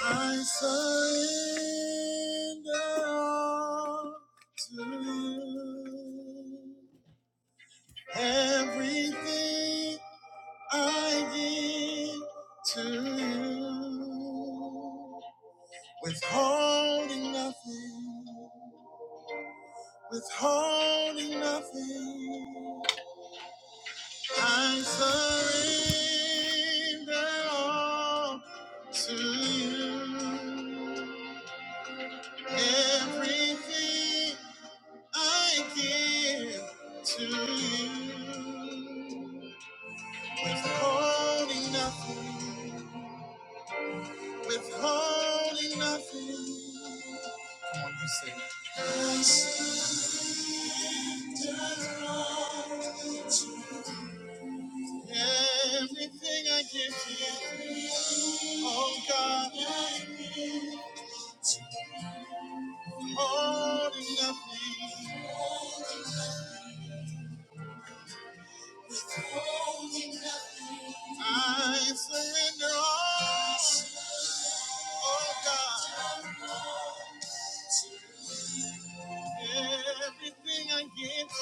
I surrender all to you. Everything I give to you. Withholding nothing, withholding nothing. I surrender all to you. Everything I give to you, withholding nothing, withholding nothing. When you say everything I give to you, oh God, holding nothing, I surrender all, oh God, everything I give to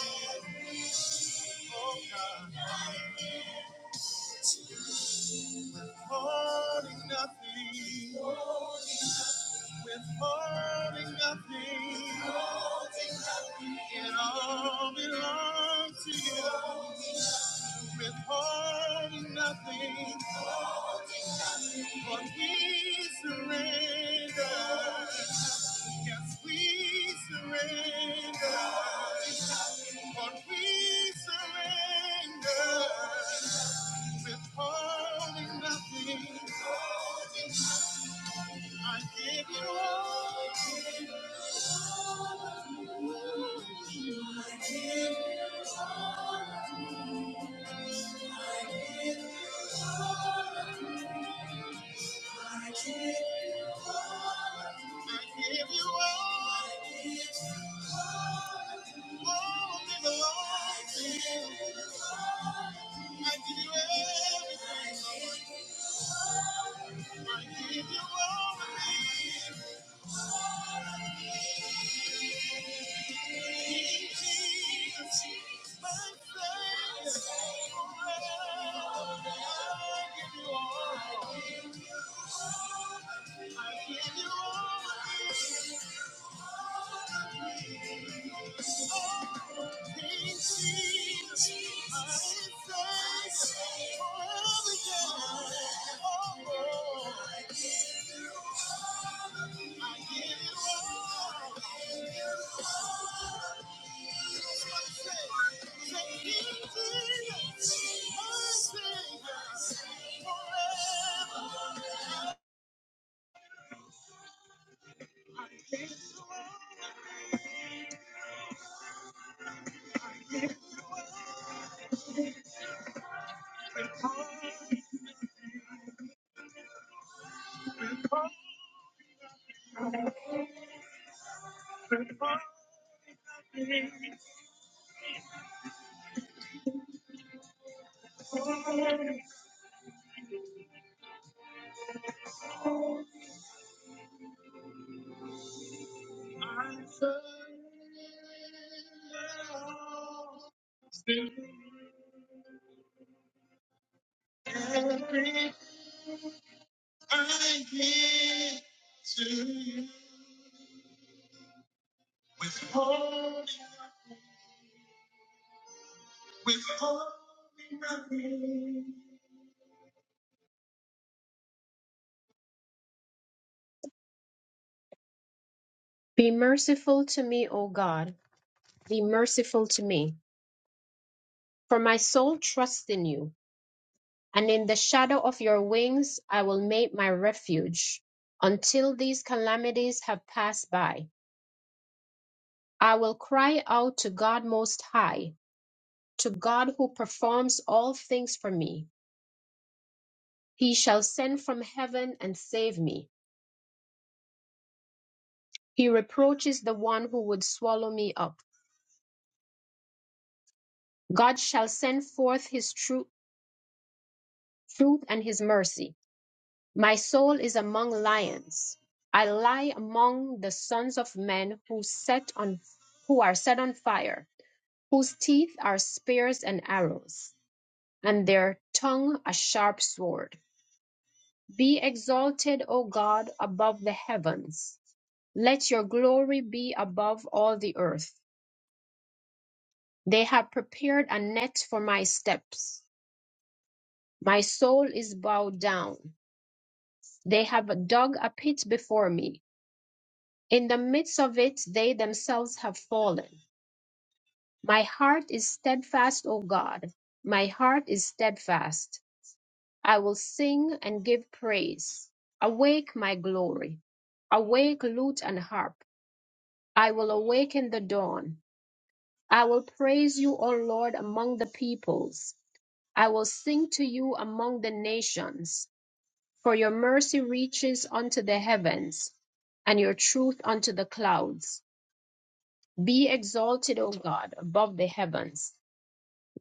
you, oh God, holding nothing. Withholding nothing, it all belongs to you. Withholding nothing, for we surrender. Yes, we surrender. For we surrender. Withholding nothing, I give you all. I give you all. Oh, Be merciful to me, O God. Be merciful to me, for my soul trusts in you, and in the shadow of your wings I will make my refuge. Until these calamities have passed by, I will cry out to God Most High, to God who performs all things for me. He shall send from heaven and save me. He reproaches the one who would swallow me up. God shall send forth his tru- truth and his mercy. My soul is among lions. I lie among the sons of men who set on who are set on fire, whose teeth are spears and arrows, and their tongue a sharp sword. Be exalted, O God, above the heavens. Let your glory be above all the earth. They have prepared a net for my steps. My soul is bowed down. They have dug a pit before me In the midst of it they themselves have fallen. My heart is steadfast, O God. My heart is steadfast. I will sing and give praise. Awake, my glory. Awake, lute and harp. I will awaken the dawn. I will praise you, O Lord, among the peoples. I will sing to you among the nations. For your mercy reaches unto the heavens, and your truth unto the clouds. Be exalted, O God, above the heavens.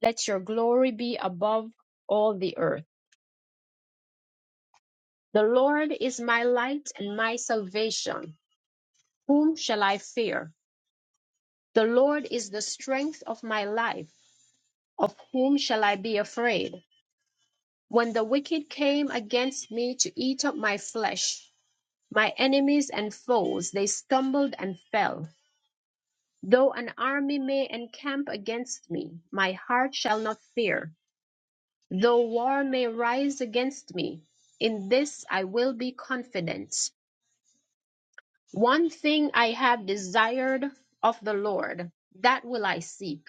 Let your glory be above all the earth. The Lord is my light and my salvation. Whom shall I fear? The Lord is the strength of my life. Of whom shall I be afraid? When the wicked came against me to eat up my flesh, my enemies and foes, they stumbled and fell. Though an army may encamp against me, my heart shall not fear. Though war may rise against me, in this I will be confident. One thing I have desired of the Lord, that will I seek,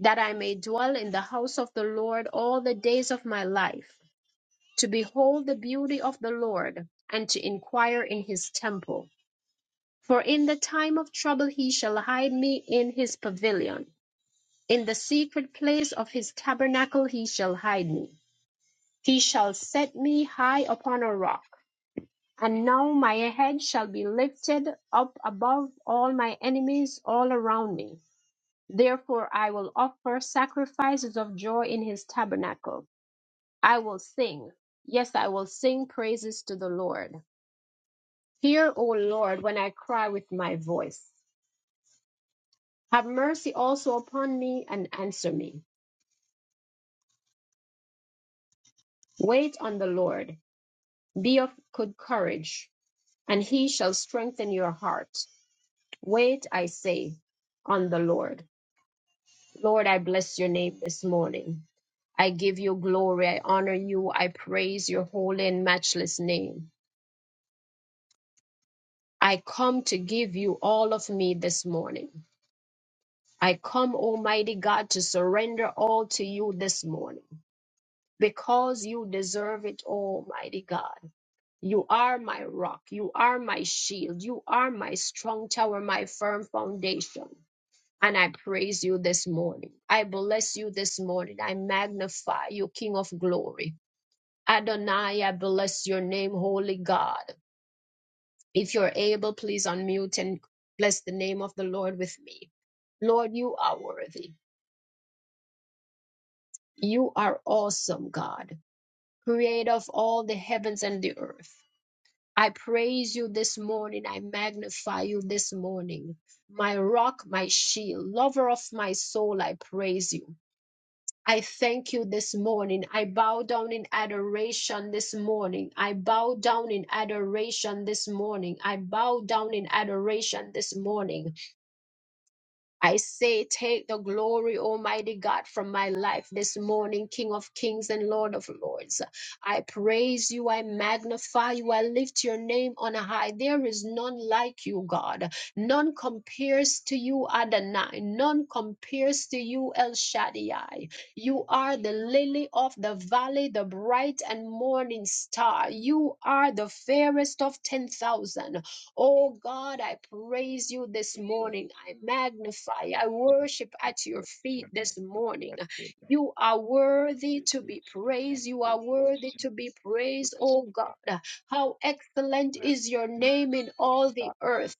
that I may dwell in the house of the Lord all the days of my life, to behold the beauty of the Lord, and to inquire in his temple. For in the time of trouble he shall hide me in his pavilion. In the secret place of his tabernacle he shall hide me. He shall set me high upon a rock And now my head shall be lifted up above all my enemies all around me. Therefore I will offer sacrifices of joy in his tabernacle. I will sing. Yes, I will sing praises to the Lord. Hear, O Lord, when I cry with my voice. Have mercy also upon me and answer me. Wait on the Lord. Be of good courage, and he shall strengthen your heart. Wait, I say, on the Lord. Lord, I bless your name this morning. I give you glory. I honor you. I praise your holy and matchless name. I come to give you all of me this morning. I come, Almighty God, to surrender all to you this morning because you deserve it, Almighty God. You are my rock. You are my shield. You are my strong tower, my firm foundation. And I praise you this morning. I bless you this morning. I magnify you, King of glory. Adonai, I bless your name, holy God. If you're able, please unmute and bless the name of the Lord with me. Lord, you are worthy. You are awesome, God, creator of all the heavens and the earth. I praise you this morning. I magnify you this morning. My rock, my shield, lover of my soul, I praise you. I thank you this morning. I bow down in adoration this morning. I bow down in adoration this morning. I bow down in adoration this morning. I say, take the glory, Almighty God, from my life this morning, King of kings and Lord of lords. I praise you, I magnify you, I lift your name on high. There is none like you, God. None compares to you, Adonai. None compares to you, El Shaddai. You are the lily of the valley, the bright and morning star. You are the fairest of 10,000. Oh God, I praise you this morning. I magnify, I worship at your feet this morning. You are worthy to be praised. You are worthy to be praised, oh God. How excellent is your name in all the earth.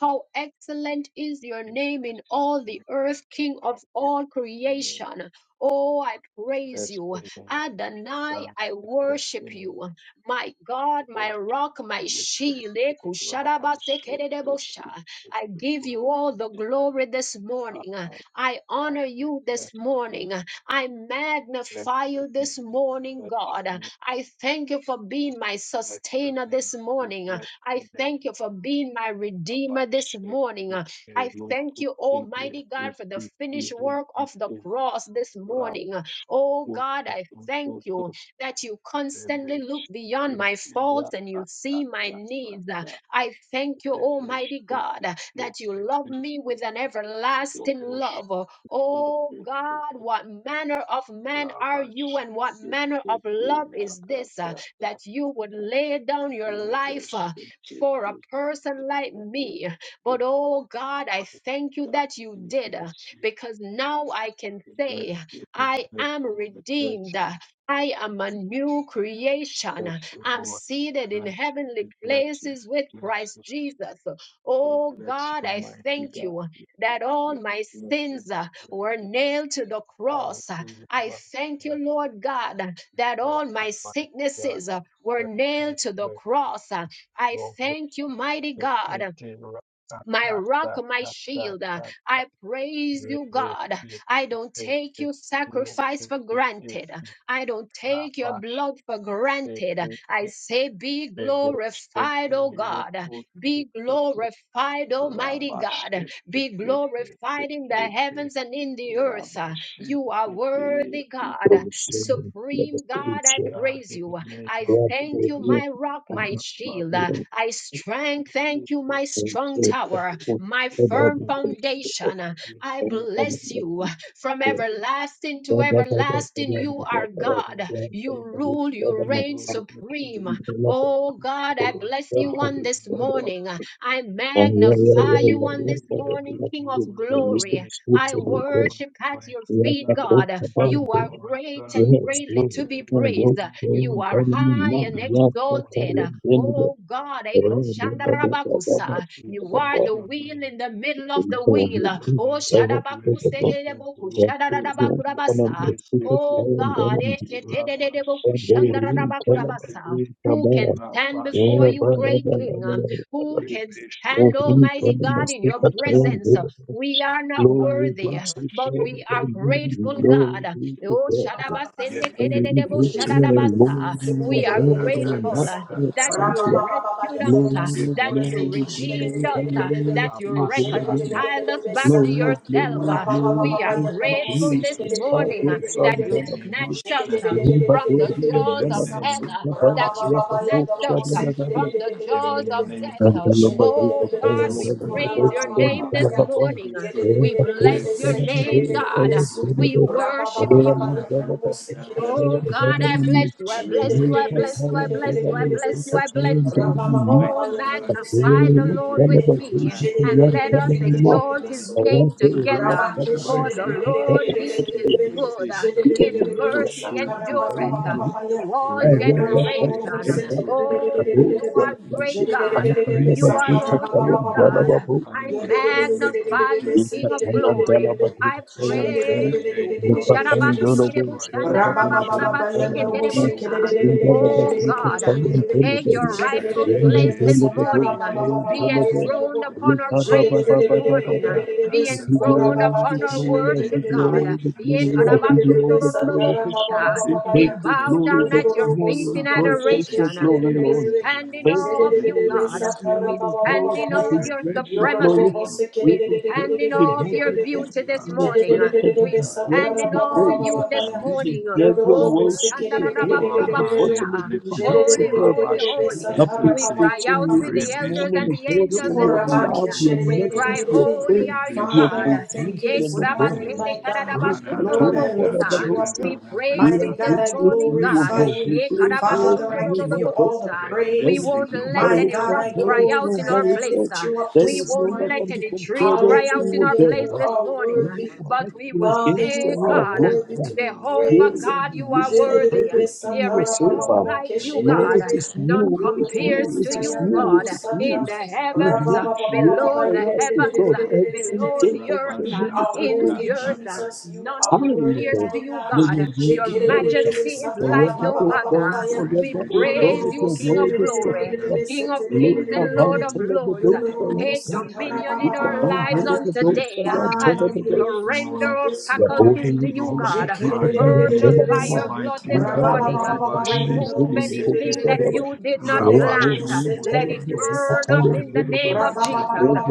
How excellent is your name in all the earth, King of all creation. Oh, I praise you. Adonai, I worship you. My God, my rock, my shield. Ekushadabasekeredebosha. I give you all the glory this morning. I honor you this morning. I magnify you this morning, God. I thank you for being my sustainer this morning. I thank you for being my redeemer this morning. I thank you, Almighty God, for the finished work of the cross this morning. Oh God, I thank you that you constantly look beyond my faults and you see my needs. Uh, I thank you, Almighty God, uh, that you love me with an everlasting love. Uh, Oh God, what manner of man are you and what manner of love is this uh, that you would lay down your life uh, for a person like me? But oh God, I thank you that you did uh, because now I can say, I am redeemed. I am a new creation. I'm seated in heavenly places with Christ Jesus. Oh God, I thank you that all my sins uh, were nailed to the cross. I thank you, Lord God, that all my sicknesses uh, were nailed to the cross. I thank you, mighty God my rock, my shield. Uh, I praise you, God. I don't take your sacrifice for granted. I don't take your blood for granted. I say, Be glorified, O God. Be glorified, Almighty God. Be glorified in the heavens and in the earth. Uh, You are worthy, God. Yes, Supreme God, I praise you. I thank you, my rock, my shield. Uh, I strength, thank you, my strong tower, Lord. my firm foundation. Uh, I bless you. From everlasting to everlasting, you are God. You rule, you reign supreme. Oh God, I bless you on this morning. I magnify you on this morning, King of glory. I worship at your feet, God. You are great and greatly to be praised. You are high and exalted. Oh God, Glory, glory, glory, Ekoshandarabakusa. you are the wheel in the middle of the wheel. Oh Shadabakuseteleboku, Shadadadabakurabasa. Oh God, Eshetedededeboku, Shandaradabakurabasa. who can stand before you, great King? Who can stand, Almighty God, in your presence? We are not worthy, but we are grateful, God. Oh, Rabba shadabasendekedededebo shadadabasa. We are grateful. uh, That you rescued us, uh, that you redeemed us, uh, hallelujah, to that you your holy name. reconciled us back to Glory, yourself. glory, uh. glory, We are thank you, grateful this Jesus. Thank morning you, uh, that Son, you God of the snatched us uh, Rumba, from the glory, and jaws of Bella, hell, uh, Masika, Baya, that you Yaka, Tok, snatched us Shabba, uh, Dadadi, from the jaws of Rabba and death. Bella, Bazooka, Oh Baya, God, and we Bella, praise Babos, your and name this Bella, Babos, morning. Rumba, We Tok, bless your Shabba, name, Dadadi, Shabba, God. We Dadadi, worship Everyone you. in Bella, that Bazooka, bless Baya, Oh your and holy God, Bella, man. I Mama, We bless you. pray I that you bless you. I Luka, bless you. Tara, I and bless you. Bella, Lord, I you bless are you. Masika, I Tara, be bless and Bella, you. magnified, be Mama, Oh, glorified, O magnify God. the Glory, Lord Bella, with Unto me you Bazooka, alone Baya, and the and let Bella, glory us must Mama, be given exalt of his the Thank name meaning of the glory together. in the For the evil. Lord, he is Praise Rabba good. and honor be His unto you, holy mercy Lord. endureth Be to magnified, all be glorified. I generation. thank you, Lord, Oh, for the you blessed are gift. great I God. give you You praise, are I awesome give you all the God. you. honor, I praise and honor be unto your magnify holy you, Take name. King of your glory glory. this I morning, Thank you, Lord, praise for your you. food. you deserve the glory, you deserve the honor. I bless Busharabasikiribushandarabakurabaseketerebosa. you, I bless you, Oh I God, bless you, I bless take you, I your bless rightful you. place this I give you morning. praise, Lord, Be and I say, enthroned my upon our Lord, the praise world, this my morning. Lord, Be shall enthroned unto you, upon O our Lord, the worship, great man, God. speak to them. Jerebe satara baba Yekarabasundorororobokusha. baba baba We ya. bow down at your Yodorobo feet in God. sotorebe Take This is the your adoration. temple, glory, We Lord. this is keserebe. the stand in army, Thank awe you, of this is you, the glory Jerebe God. this beauty, satara you morning, We and may baba be baba glory stand in baba to awe of ya. this magnified. your glory, the glory. Yodorobo supremacy. We You sekerebe. can take stand Be in the awe of your glorified, be magnified beauty this and the morning. glorified Uh, that unto you We you Jerebe deserve stand to alone. satara in be baba awe of baba praised. you I baba this ya. You bless morning. you, Uh, I deserve your bless Oh, you, Yodorobo I worship, bless O sekerebe. you, I God, from the kushandarabakudabakusa. bottom of Uh, bless your you, King hearts, of O Holy, God. Kings, holy, I Jerebe thank holy. you, Uh, and I satara We bless baba Appreciate cry you, baba I out baba give you ya. you with the this praise, elders morning, and the O God, I for angels give this your you all the morning. love, Yukorabake Uh, your glory, I We give cry, you mercies, your all shererererererebe. the care, Holy honor. are you, your Father, God. I Uh, thank provision, you Ye this O God. morning, kudabasende my Isn't an God. We appeal are to all and told, be Father, that kadadabashundorobokusa. also We magnified and we praise glory. are Mighty you this God, I grateful to morning, you, O glorify God. Thank God. you, you, We Ye pray Jesus. all Father. to Thank I you, you, give my you Lord. God. all the Thank kadabashundorobokusa. you, There We is praise. Jesus. won't none, Thank let there My you, any is Lord. God, none, rocks I there cry is I out in glorify our bless and you. place. none, I lift uh, you bless up there you. we this is I won't none bless that let can you. morning. be I any bless trees compared you. I cry unto out you, in bless O our you. Hallelujah! place You God. this are Unto morning, When uh, you worthy, you but compare alone the we you will glory Father. against must the say, be. You are Lord, God, Unto uh, you Lord, worthy alone to the be glory where must Jehovah be. praised. God, Thank you he you, are looks like Lord. Oh worthy. uh, everything God. There is was none Thank over. you, like King you, of Lord, God. Kings. it uh, is Thank you, None you, King it of is Kings. compares you, Thank to it you, is you, King of you, God, it uh, Kings. is Thank in you. you, the King of You Kings. heavens, uh, make way below Thank for the you, us to Lord. heavens, God uh, Lord, I bless every below you. day, the I every earth, bless uh, You you. minute, I are in every bless worthy, the you. earth. I uh, bless Jesus. you. You I None are time, bless worthy, you. compares God. to mighty you, God. May Lord, your God. name you Your be alone. praised. majesty is like Forever, no O God, other. Jikerere-satarabababababaya. We forever, You O God, praise praise and you, your you are King the of word is glory and glory. settled. you King of alone. Lift kings up and You Lord Yodororobo-serere-serere-serere-serere. and of tell of praise and you are the lords. ghost I the am Take dead. glory. dominion in Lift up our and tell lives of Yodororobo-satarababababababaya. on the ghost I today am tell Lord, as Father, of the we we day. you lift you surrender up our this Your holy faculties to morning. and you, tell deserve of the the God. super glory. I You am Purge tell us deserve of the by all the month. your Jikerere-sa- honor. blood And this tell of Praise the morning. and super I Rababababababaya. praise am and Remove tell of you the ghost anything praise that you, forever. you God. did not Your I holy plant. bless and your tell Let holy of it the name, Yodororobo-serere-serere-serere. O super burn God. I up I sata am in tell the of bless the your name day. Father, of holy Jesus. name. Thank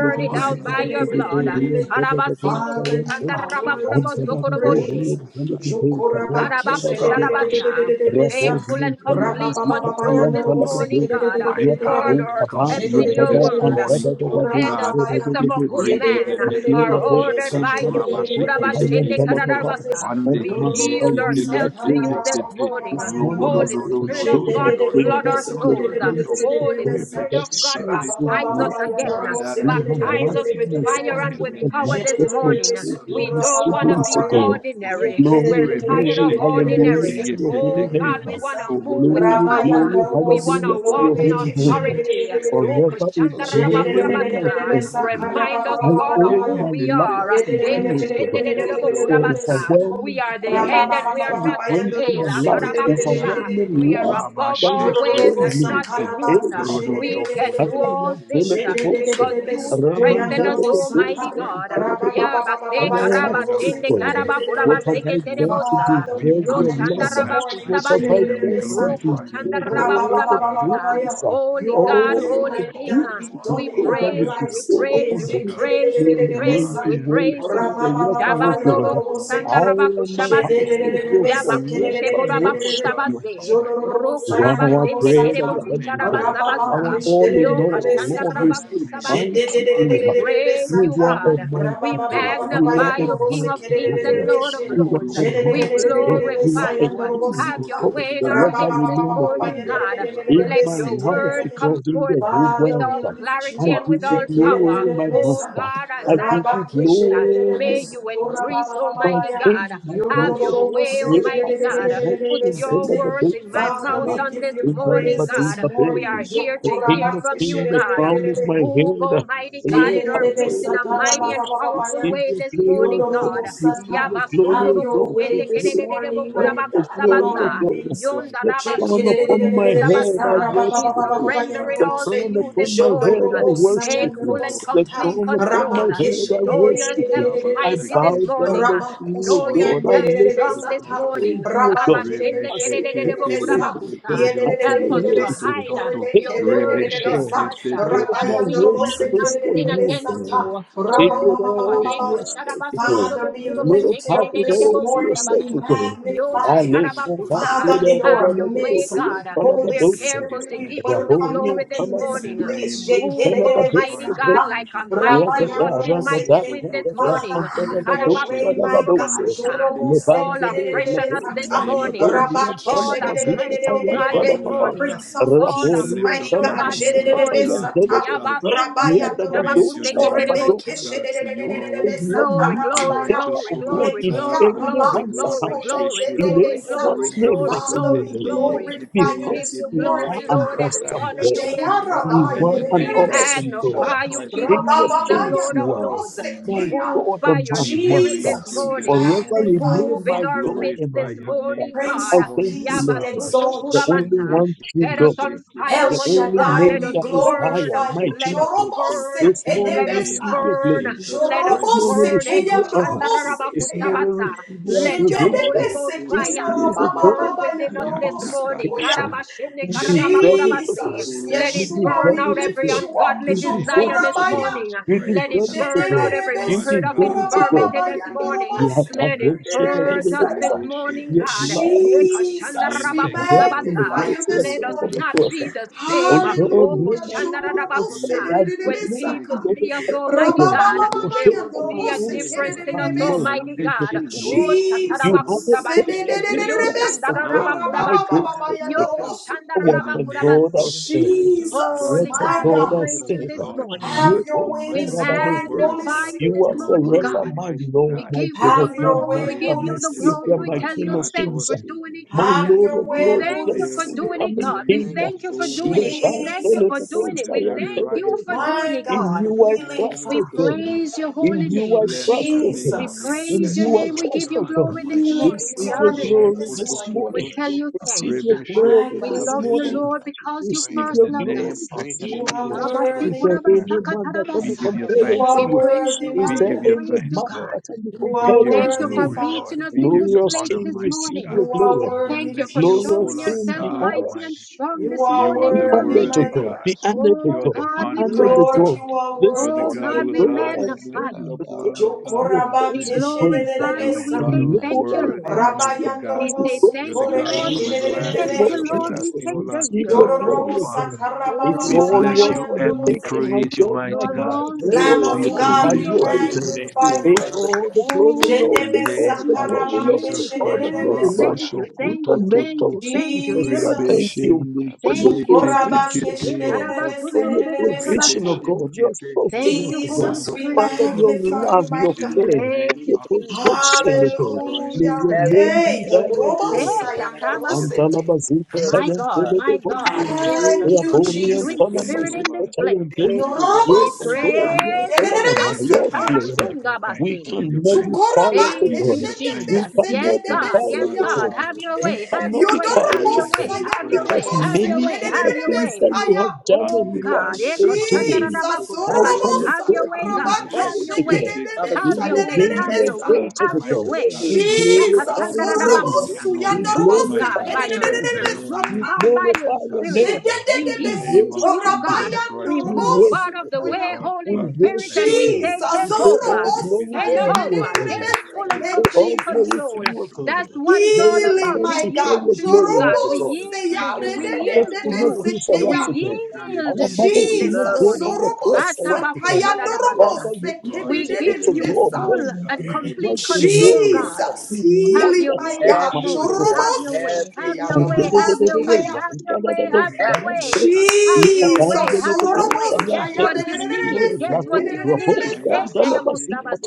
Bless it the out by world, the your blood. world, the hallelujah. Karabasindu you kusanda You are worthy to be magnify, be rabakurabosokoroboshi. praised. glorified, be Jokorabakeshe. glorified, be you. Karabakusharabata. glorified. Rabo Faithful zile and Thank you, kalama complete zikata Jesus. control yam this Thank kalama morning, do. you, God. Lord. Thank Rabababababayandarobosekededededededede. Order Yakapo you our for kaba the steps end. Thank in your yatada you word. Jededededededede. for the antada da You da good. do said the seda Sutorabababaya. steps da of da a do good sam. man Makila are bo Yedededededededede. ordered I by kantala you. worship kati and kata adore yam you. Kurabashende deserve kalama the ba. Sekedededededededededededede. glory. kararawasa. You And deserve the glory to God. We The master yield honor. you was ourselves to Thank you glorious. you. this Thank you, morning. This Lord, Lord morning Yororororobosatarabababababayandarobo. I Holy God. say, You oh Spirit of deserve the God, I God, glory. thank flood you Jedededededede. our for Thank your you, souls. Lord. beauty, oh Thank Holy Sekededededededededede. God, Spirit that of you. Rabba God, shines your baptize us Thank you Thank you bright. again. for the In my Baptize life, divine. us in with my Thank fire family, and with you the for power all lives of this of you my from morning. us, children, Lord We my God. don't want to Thank you siblings, be oh God. ordinary. Glory, We're for what tired glory, of you do. hallelujah ordinary. to your holy Oh Thank you God, name. we for what want to you're about move to with do. Glory, Thank power. glory, We you want hallelujah for to what to you're walk your in about holy name. to do, authority. Lord God. Forever it bless you. glory, Ukoshandarabakurabasa. thank I you. give you Remind all us, the I God, glory, of owe who my we life all are. Father, to honor be you, O God, to you. for I Ekeshendedededobokurabasa. give We overwhelming you are the glory. head and we are that you not the bring I to tail. my bless you. life, I bless Akarabakusha. you. I overwhelming We bless are love you. I above that bless you you. always I show and bless me. not you. I Hey, beneath. bless I you. I think We bless I can you. can do all feel the things uh, Unto your devotion. because name. you Unto Raman your strengthen gave us, it name. the grace Unto Almighty and your God. name. the grace. Unto your And Yabase name. I ask karaba you Unto shende for your karaba name. What kuraba have Unto seke I your done to name. terebosa. we deserve Yo Unto your honor you your love? name. this shandaraba What morning. have Yes, I kusabase. done to Lord. Roku Thank deserve you. shandaraba Thank all you. kuraba the Thank kusa. praise? you. Holy Your God, All will, Thank the Holy you. mighty King, God, Thank uh, you. be beauty you done we in thought Thank I our praise would you, you. we lives bestow praise today. upon you, we me. praise bless you, May we you, your oh praise name God. you, Zekedededededebesa. I we be give you praise worshipped you. praise. forever, O God. Shabandoro I Rabababababayandaroboseke. kusandaraba am my kushabase. Give household you will all the praise. Yabakunshe We forever give you boraba all worship the Jedededededebesekedededededededede. you. honor. kusabase. Roku You are raba our I sende give God and you kerebo Jodororobosayandorobosata. our all the kusharaba everything. praise. I give Our sabasa. all in Yo all, Lord, we Rababakeshtedededededebeseke. kashandaraba say, kusabase. mighty you, you We are. praise You you, are Jedededededededebesata. a God. We mighty God. thank you, You magnify are a thank you, you, King mighty of thank you, thank kings you, oh God. and Lord Lord. of Rababababababayandarobosekedededededebeshe. You lords. are a Thank you, thank you, thank you, We thank mighty you, God. You are glorify a you. king Have of your God. way in our thank Wherever midst you this know the you, morning, king, thank you. God. in Let my your life, word O Unto you, come God, O in forth the Lord. whole with Unto Father, world, we you, all O Lord. lift I clarity you up. Unto and you, with give you all O Lord. power. glory, Unto you, my O Oh Jekededededebesa. Lord. master. God, Unto you, O Lord. as I I Unto give you decrease, uh, you, O Lord. glory, may you my master. increase, My Almighty Rabakeshededededebesudorababababaya. king, God. my Have Bless glory. your you, way, bless Yes, I you, Almighty see God. bless you, Put bless Goshen, you, your Yodororobosededededededededededebesete. bless words Benedict, you, in my oh and Father, Lord. mouth we Roman. on give this you In I the give morning, you praise all Labadu, this the God. the glory. We I are morning. baby, give you here all the to the hear king of praise. from you, kings, the God. crown Unto of you Jokorabakeshedededededede. my alone the Move, head. glory Almighty must Have be God, Yes, in I our midst see in the a mighty Goshen. and powerful Receive way your Lord. this glory, morning, I still God. love receive you, your Lord. I glory, O Yabasunduru thank your you, God, the way kutende Jesus. this glory, kedededebo morning, of- mighty God, kurabaku the in glory of our sabasa. God. midst. The Yondaraba Thank crown you, upon Lord. shingurubu I my bless you. head, I I kusabasa. bless you. We I worship you. bless you. surrender I it The bless all to you. crown I you give you upon this my praise. I head, morning. I give you all the Take worship glory. you. full and God. The complete crown upon my control. head, I Show worship you. You yourself deserve the I mighty glory. bow this You deserve down morning. the unto honor. You you, O deserve Show the glory. You God. I yourself deserve lift the honor. us strong to this the morning. You throne, O deserve the God. glory. Abashende I say, take kedededebo I your word, God. magnify kurabakusa. the Take Help your us word, to glorify God. hide unto uh, you, Take your Lord. it all, word in I your God. bless hearts your uh, holy Lord, that my I we still will worship love not is you, for sin now, O you, against Lord. God. you. Lord, you are Take it Oh now. God, all to Be Eka yourself, sharaba O magnified. God. Be Father, sukurubu be kurubu Lord, lifted glorified. have up it this all shekerererebo you, to morning, yourself, Jesus. be O kusabasa. God. Yo Lord, I magnified. you lift know shakaraba up what my our kusa. food, Father, da in da children have our da are da your da doing. da, way, midst, We are in God. You front of a Holy We're deserve dope all sense. the careful Spirit, to we praise give and you you the welcome deserve Raborian, glory you all the this in this honor. morning. place. All Move, honor is Almighty God, yours, Jekedededebesata, oh like a God. I we mighty, did bless not you, rushing, I bless mighty rabayanoroboseke. you, wind I this meet bless you, Father, morning. I have bless you. your way, my God. All Karabasundorobokusha. the praise I Fall afresh on give us you, this all Jorobosekedededebesata, the morning. honor, praise and Fall honor be unto afresh, oh your God, name. this rabakeshededededededededebe. morning. Prince You of have the Fall Peace, Father, afresh, mighty oh God. Lord. God, this morning. Jedededebesata. Yabasunduru Rabayandorobo sukorebe kushabakuseketerebosa. keshedededededebe Glory, glory, satarababaya. together, glory, O God, glory, in Yekeya glory, glory, anyone's glory, rabakusto account, glory, in I yendedebe glory, give you sa. glory, anyone's praise, name, Lord. glory, but You in Father, your glory, we name, glory. glorify We you give because this you you are glory, morning, an deserve Lord, and the God. we awesome glory, honor you you God. this deserve Jeya the You honor, morning. want an We praise rabayedededebe and awesome honor be God. so. magnify unto you, King your of King name. of kings and kings Lord Be of you Rabababayandorobo are, lords. glorified, my be sekeya. Move God by and your my glorified, be spirit this master. Jesus, we morning. Forever magnified. magnify remain you, Move my in Father. our God midst and my this master. morning, Prince God. I of thank you, Peace, we Lord, Thank Yabasuchu you, exalt the you. Lord. I only kurabata. bless one you. I true Set us God, bless you. on I fire bless El the you. for I you, only bless God. Shaddai, you. Let name I we us that bless is you. I burn. higher, glorify bless my you. you. Let for us Jesus. burn. Jorobose This morning Let us your receive tedebesa. love, for your your burn. glory. Savior. I Let us This bless you. morning Jorobose burn. Yes, receive keya Eko your Lord, honor. you deserve ndorobose it, This keya. morning shandararabakusabasa. Lord. receive You your Let alone are your Holy adoration. Jededebese Ghost Lord. This fire keya is a Thank rababa you. burn God, Thank baba ya within your us this ndorobosu you. Thank you. Thank morning. toya. magnification. you. Karabashene You Thank you. deserve it, O kararabakurabase. Thank you. Thank you. And God. Jesus, Let You I it Yeshua, praise burn deserve we you. out it, O every Thank lift God. you you. I up. ungodly give You you praise. deserve I desire it, this give O you God. Jokorabaya. morning. praise. You Let it deserve As it, the O burn one of God. out the every Jedededebe You world, the spirit Lord, of deserve it, O God. infirmity be sukorababa this mad. morning. We have yandorobose come Let it home, shake it, kedededebe it, purge it, us Glorious, it's this like saya. I be morning, mad. Your God. love is Jesus, be we glorified. overwhelming the magnify Yekashandarabakusabasa. you grace of the this Let faith us of the morning. not first. be Lord, the I O bless same. you, God, I no Hallelujah. bless man you, I can be bless Jorobose Okoshandarabakusa. I you, did dedededebe When Lord. not people even saka. It go is to see that us, the heaven Almighty glory, today it is God, that to Rababababa they take will honor. for my see a own yandorobose Praise the sins, difference Lord in but of us, you kedededebe unto Lord, your sa. Almighty holy you did name, God. it the for Lord, me. Oh, my God, thank You have you, a Jesus. touch Jesus. shatarabakusabase, for which yo Sededededebe was Thank of you, what saka. Lord, I I bless shandararabakurabasa, go you. Rababababa yo for. yandorobose What kuya. a God I kushandararabakurabase. serve. Jesus, What Holy a my God, we God I Praise God. the praise Lord, you give serve. you this all the morning. honor. Have You, your oh, Thank way you, We this Lord, morning, thank Shadabadoko. you, Holy King magnify of you You this Kings. are Spirit. morning, forever God. my Lord, We my give you Thank God, the Have you, my your King of glory. We way, Kings, give Master, it Holy my you is the that the glory. Savior, Spirit. We glory, my I tell King you of bless you, thanks Kings, for and I doing give it, you my all the God. Have Lord of glory. your way, We Lords, thank Holy the you You for soon deserve Spirit. doing all it, that coming God. We King. praise. thank You you for deserve In doing it. you it. You We thank deserve you it, for oh Jesus, doing God. it. You We thank deserve it, you oh for God. doing You my it, deserve God, God. it, I oh healing God. trust, Father. We O God. Thank you, praise King your of In holy Kings. you I name. Thank you, trust, Lord O of God. We Lords. Unto Jesus, In you praise your you I alone, name. We trust, give you O I God. glory this bless you. healing morning. I is We Receive your our honor bless you. bread you. I glory this this bless morning. you. I morning. We bless tell you. you I Receive bless thanks. your you. My glory We I God, this we love bless you, you, thank morning. and Lord, I give you because you Receive praise. first your loved glory us. Praise this you. and I You love you are morning. unto you. Is Lord, worthy. there Lord, any Lord. man that And I can be Abasikurabasakatarabasa. say thank compared You you, unto We are you? Savior. praise worthy, you, Mm, you Is God. mighty there We God. any praise you, God. man that deserve can it, be oh You are Lord. compared You Thank unto you worthy, for deserve you? it. Father. You meeting us in deserve this it. You Glorious place King, deserve this it. You receive morning. your You deserve it. are glory. Thank worthy, you for But you, O Glorious showing Lord, Jesus. King, I yourself be honored. mighty and bless you, I strong You this bless are you, morning I Be in our worthy, bless honored midst. to you, I mighty God. God. Be bless you. honored to Oh, God. Be God, we But you, honored O to praise Lord, you. Lord, God. you we are cannot This worthy be Oh, to morning, be oh God, we God, praised. I blessed magnify come you. are to dwell thou, to your God Jokoraba We thoughts with blessed are praise. glorify you. thou. We kesherebesa. say And As Lord, thank the you, I Lord. come world, to your even the thoughts We with Rabayandorobo say praise. thank you, hallelujah. sutorebe Lord. We In the say name thank But of kerebe. you, you, Lord. O We Jesus, Lord, say O thank receive you, God. your Lord. glory Jodorobo again. But sataraba baba It's Oh all God, baba you are yours for the worthy. yandorobo taking, seke. my God. You My are you, life O is Lord, awesome. not Lamb You my are I of own, praise but God, awesome. you You to we are yours give it the is. awesome. glory, to magnify give you. the Take honor, all the praise and glory, Lord. Take Jedebe Thank hallelujah, you, all the hallelujah. Jesus. glory, sakaraba Lord. Thank Take you, all the thank kesherebebe you, glory, Magnify Lord. the thank suya. you, glory, In thank the you, name of thank you, thank you, Jesus, I thank you. thank Jesus. you I for your Thank bless you, you, I Jokoraba Jesus. bless you, provision, O Eh, I bless God. kesherebebe For your serebebe you, I provision, bless O sata. you, karabasundurubukutchabase. I God. Your bless you. Thank sustenance, you, O But God. Holy Jesus, you, we O Spirit of your Lord, Father, oh God. your magnify God. love, you, my your Bless God. We ask care, Thank you to you, your Jesus. do it, Thank protection, O you, God. God. May your Hallelujah. Jesus. Have your name way, be Hey, thou Thank God. Have your yes, way. exalted. Manifest Takabatsu. yourself. Jorobosayandorobosete. Antalabazika in My Service, God, God. Tayantele de my Bosta, God, Mm, there is do a Thank it. you, sweet, Reaborian sweet Jesus. Do spirit it. in Talamazika this place. Tayante, Thank you, unto God. you We and Mm, God. Yorobosaya. Yekatorian praise unto you, you, Mother. Talamamaya, Dedededebeseke. Flora. We Hashatabasungabase. cannot be quiet to Zukorabate Do Thank God. it. you, We Jesus. Yes, cannot be God. Do Yes, quiet shedebesededebesuya. to God. it. God. Have Do your We it. way. Have Have cannot your your be way, way. God. Have quiet to your God way. Have your because way. Have your many Yodorobosayandoroboseke. way. Thank are you, the Have God. your things way. that you Dedededebesaya. have done Oh, and you are God. Eh, This still is your doing. Jesus. koshandaradabaku God. How Do sabase. can it. Have your God way, we Do And it. be God. take up Have quiet your and to Orobosakarabakeshi. never God? Mm. way. have a Father, we We Have Dedededebesa. matter, thank your will never you. way. We have then Have be a thank your you, fee. Dedededebesa. way. exalted Have God. to your God. Do And it. way. Do take it. Do it. We up a cover Jesus, glorify and Do your be name. Yakatandaradabakusa. Orobosu, We Move, Yandorobose, God, glorify it. Do by your front your of the name. spirit. Move, We Kedededededebesata, other. God, by your glorify your spirit. name. We We yield to worship you, you. God. Jedededebesukorabaya, Thank We you. it. We move Mother. out Norobosu, of worship the Do you. it. way, Oya. We Holy Is there Spirit, that and worship we you. Hey, glory? say, Is thank Jesus, We take there you, say that God. over. all honor? glory Orobosa, to Hey, Take Praise you, the O God, Lord we over, be God. unto Yadededededebese, full your manifest We and Ke holy say name. it. complete all The Jesus. Lord glory of to control. you, life O is God. That's glory. what it's all There is Healing, about. none We to my Of share the God. yield your to holy you, name glory with God. this the Hey, We Lord. morning. I Jorobose, yield to Our you. bless We you, God, Lord. we fathers yield to could not glory you. Yadedededebese, do you. Ke for us, Bless Ya. O you, We We God. Lord. honor It yield you. God. Our is to We there mothers you could this that not love unto go you Jesus, you. on morning. the alone. cross for Orobosa, us, God. O We God. Unto Taya, you thank alone, you. my Atabakushadadabasa. Father, King, you Norobose, eat is We Mm, we it give there. to need to you blood Kededededebesa. full Nothing when we, and we did else. not complete keep it even with know control, you. us. God. Jesus, God. You Have loved healing, your that my way so this Have God. much, your O way, morning. God. Shororobosaya. Have God. your Have way. your Have Rabba your way. way. Have your Thank you. way. Have your way. Have your Have your way, way. God. Mm, we Have your thank you, way. Jesus, God. Have your way. Get Hallelujah. Sororobosaya, what you need. Get dededededebese, what you Thank you. need. Yes, dededededebesata. Shedabo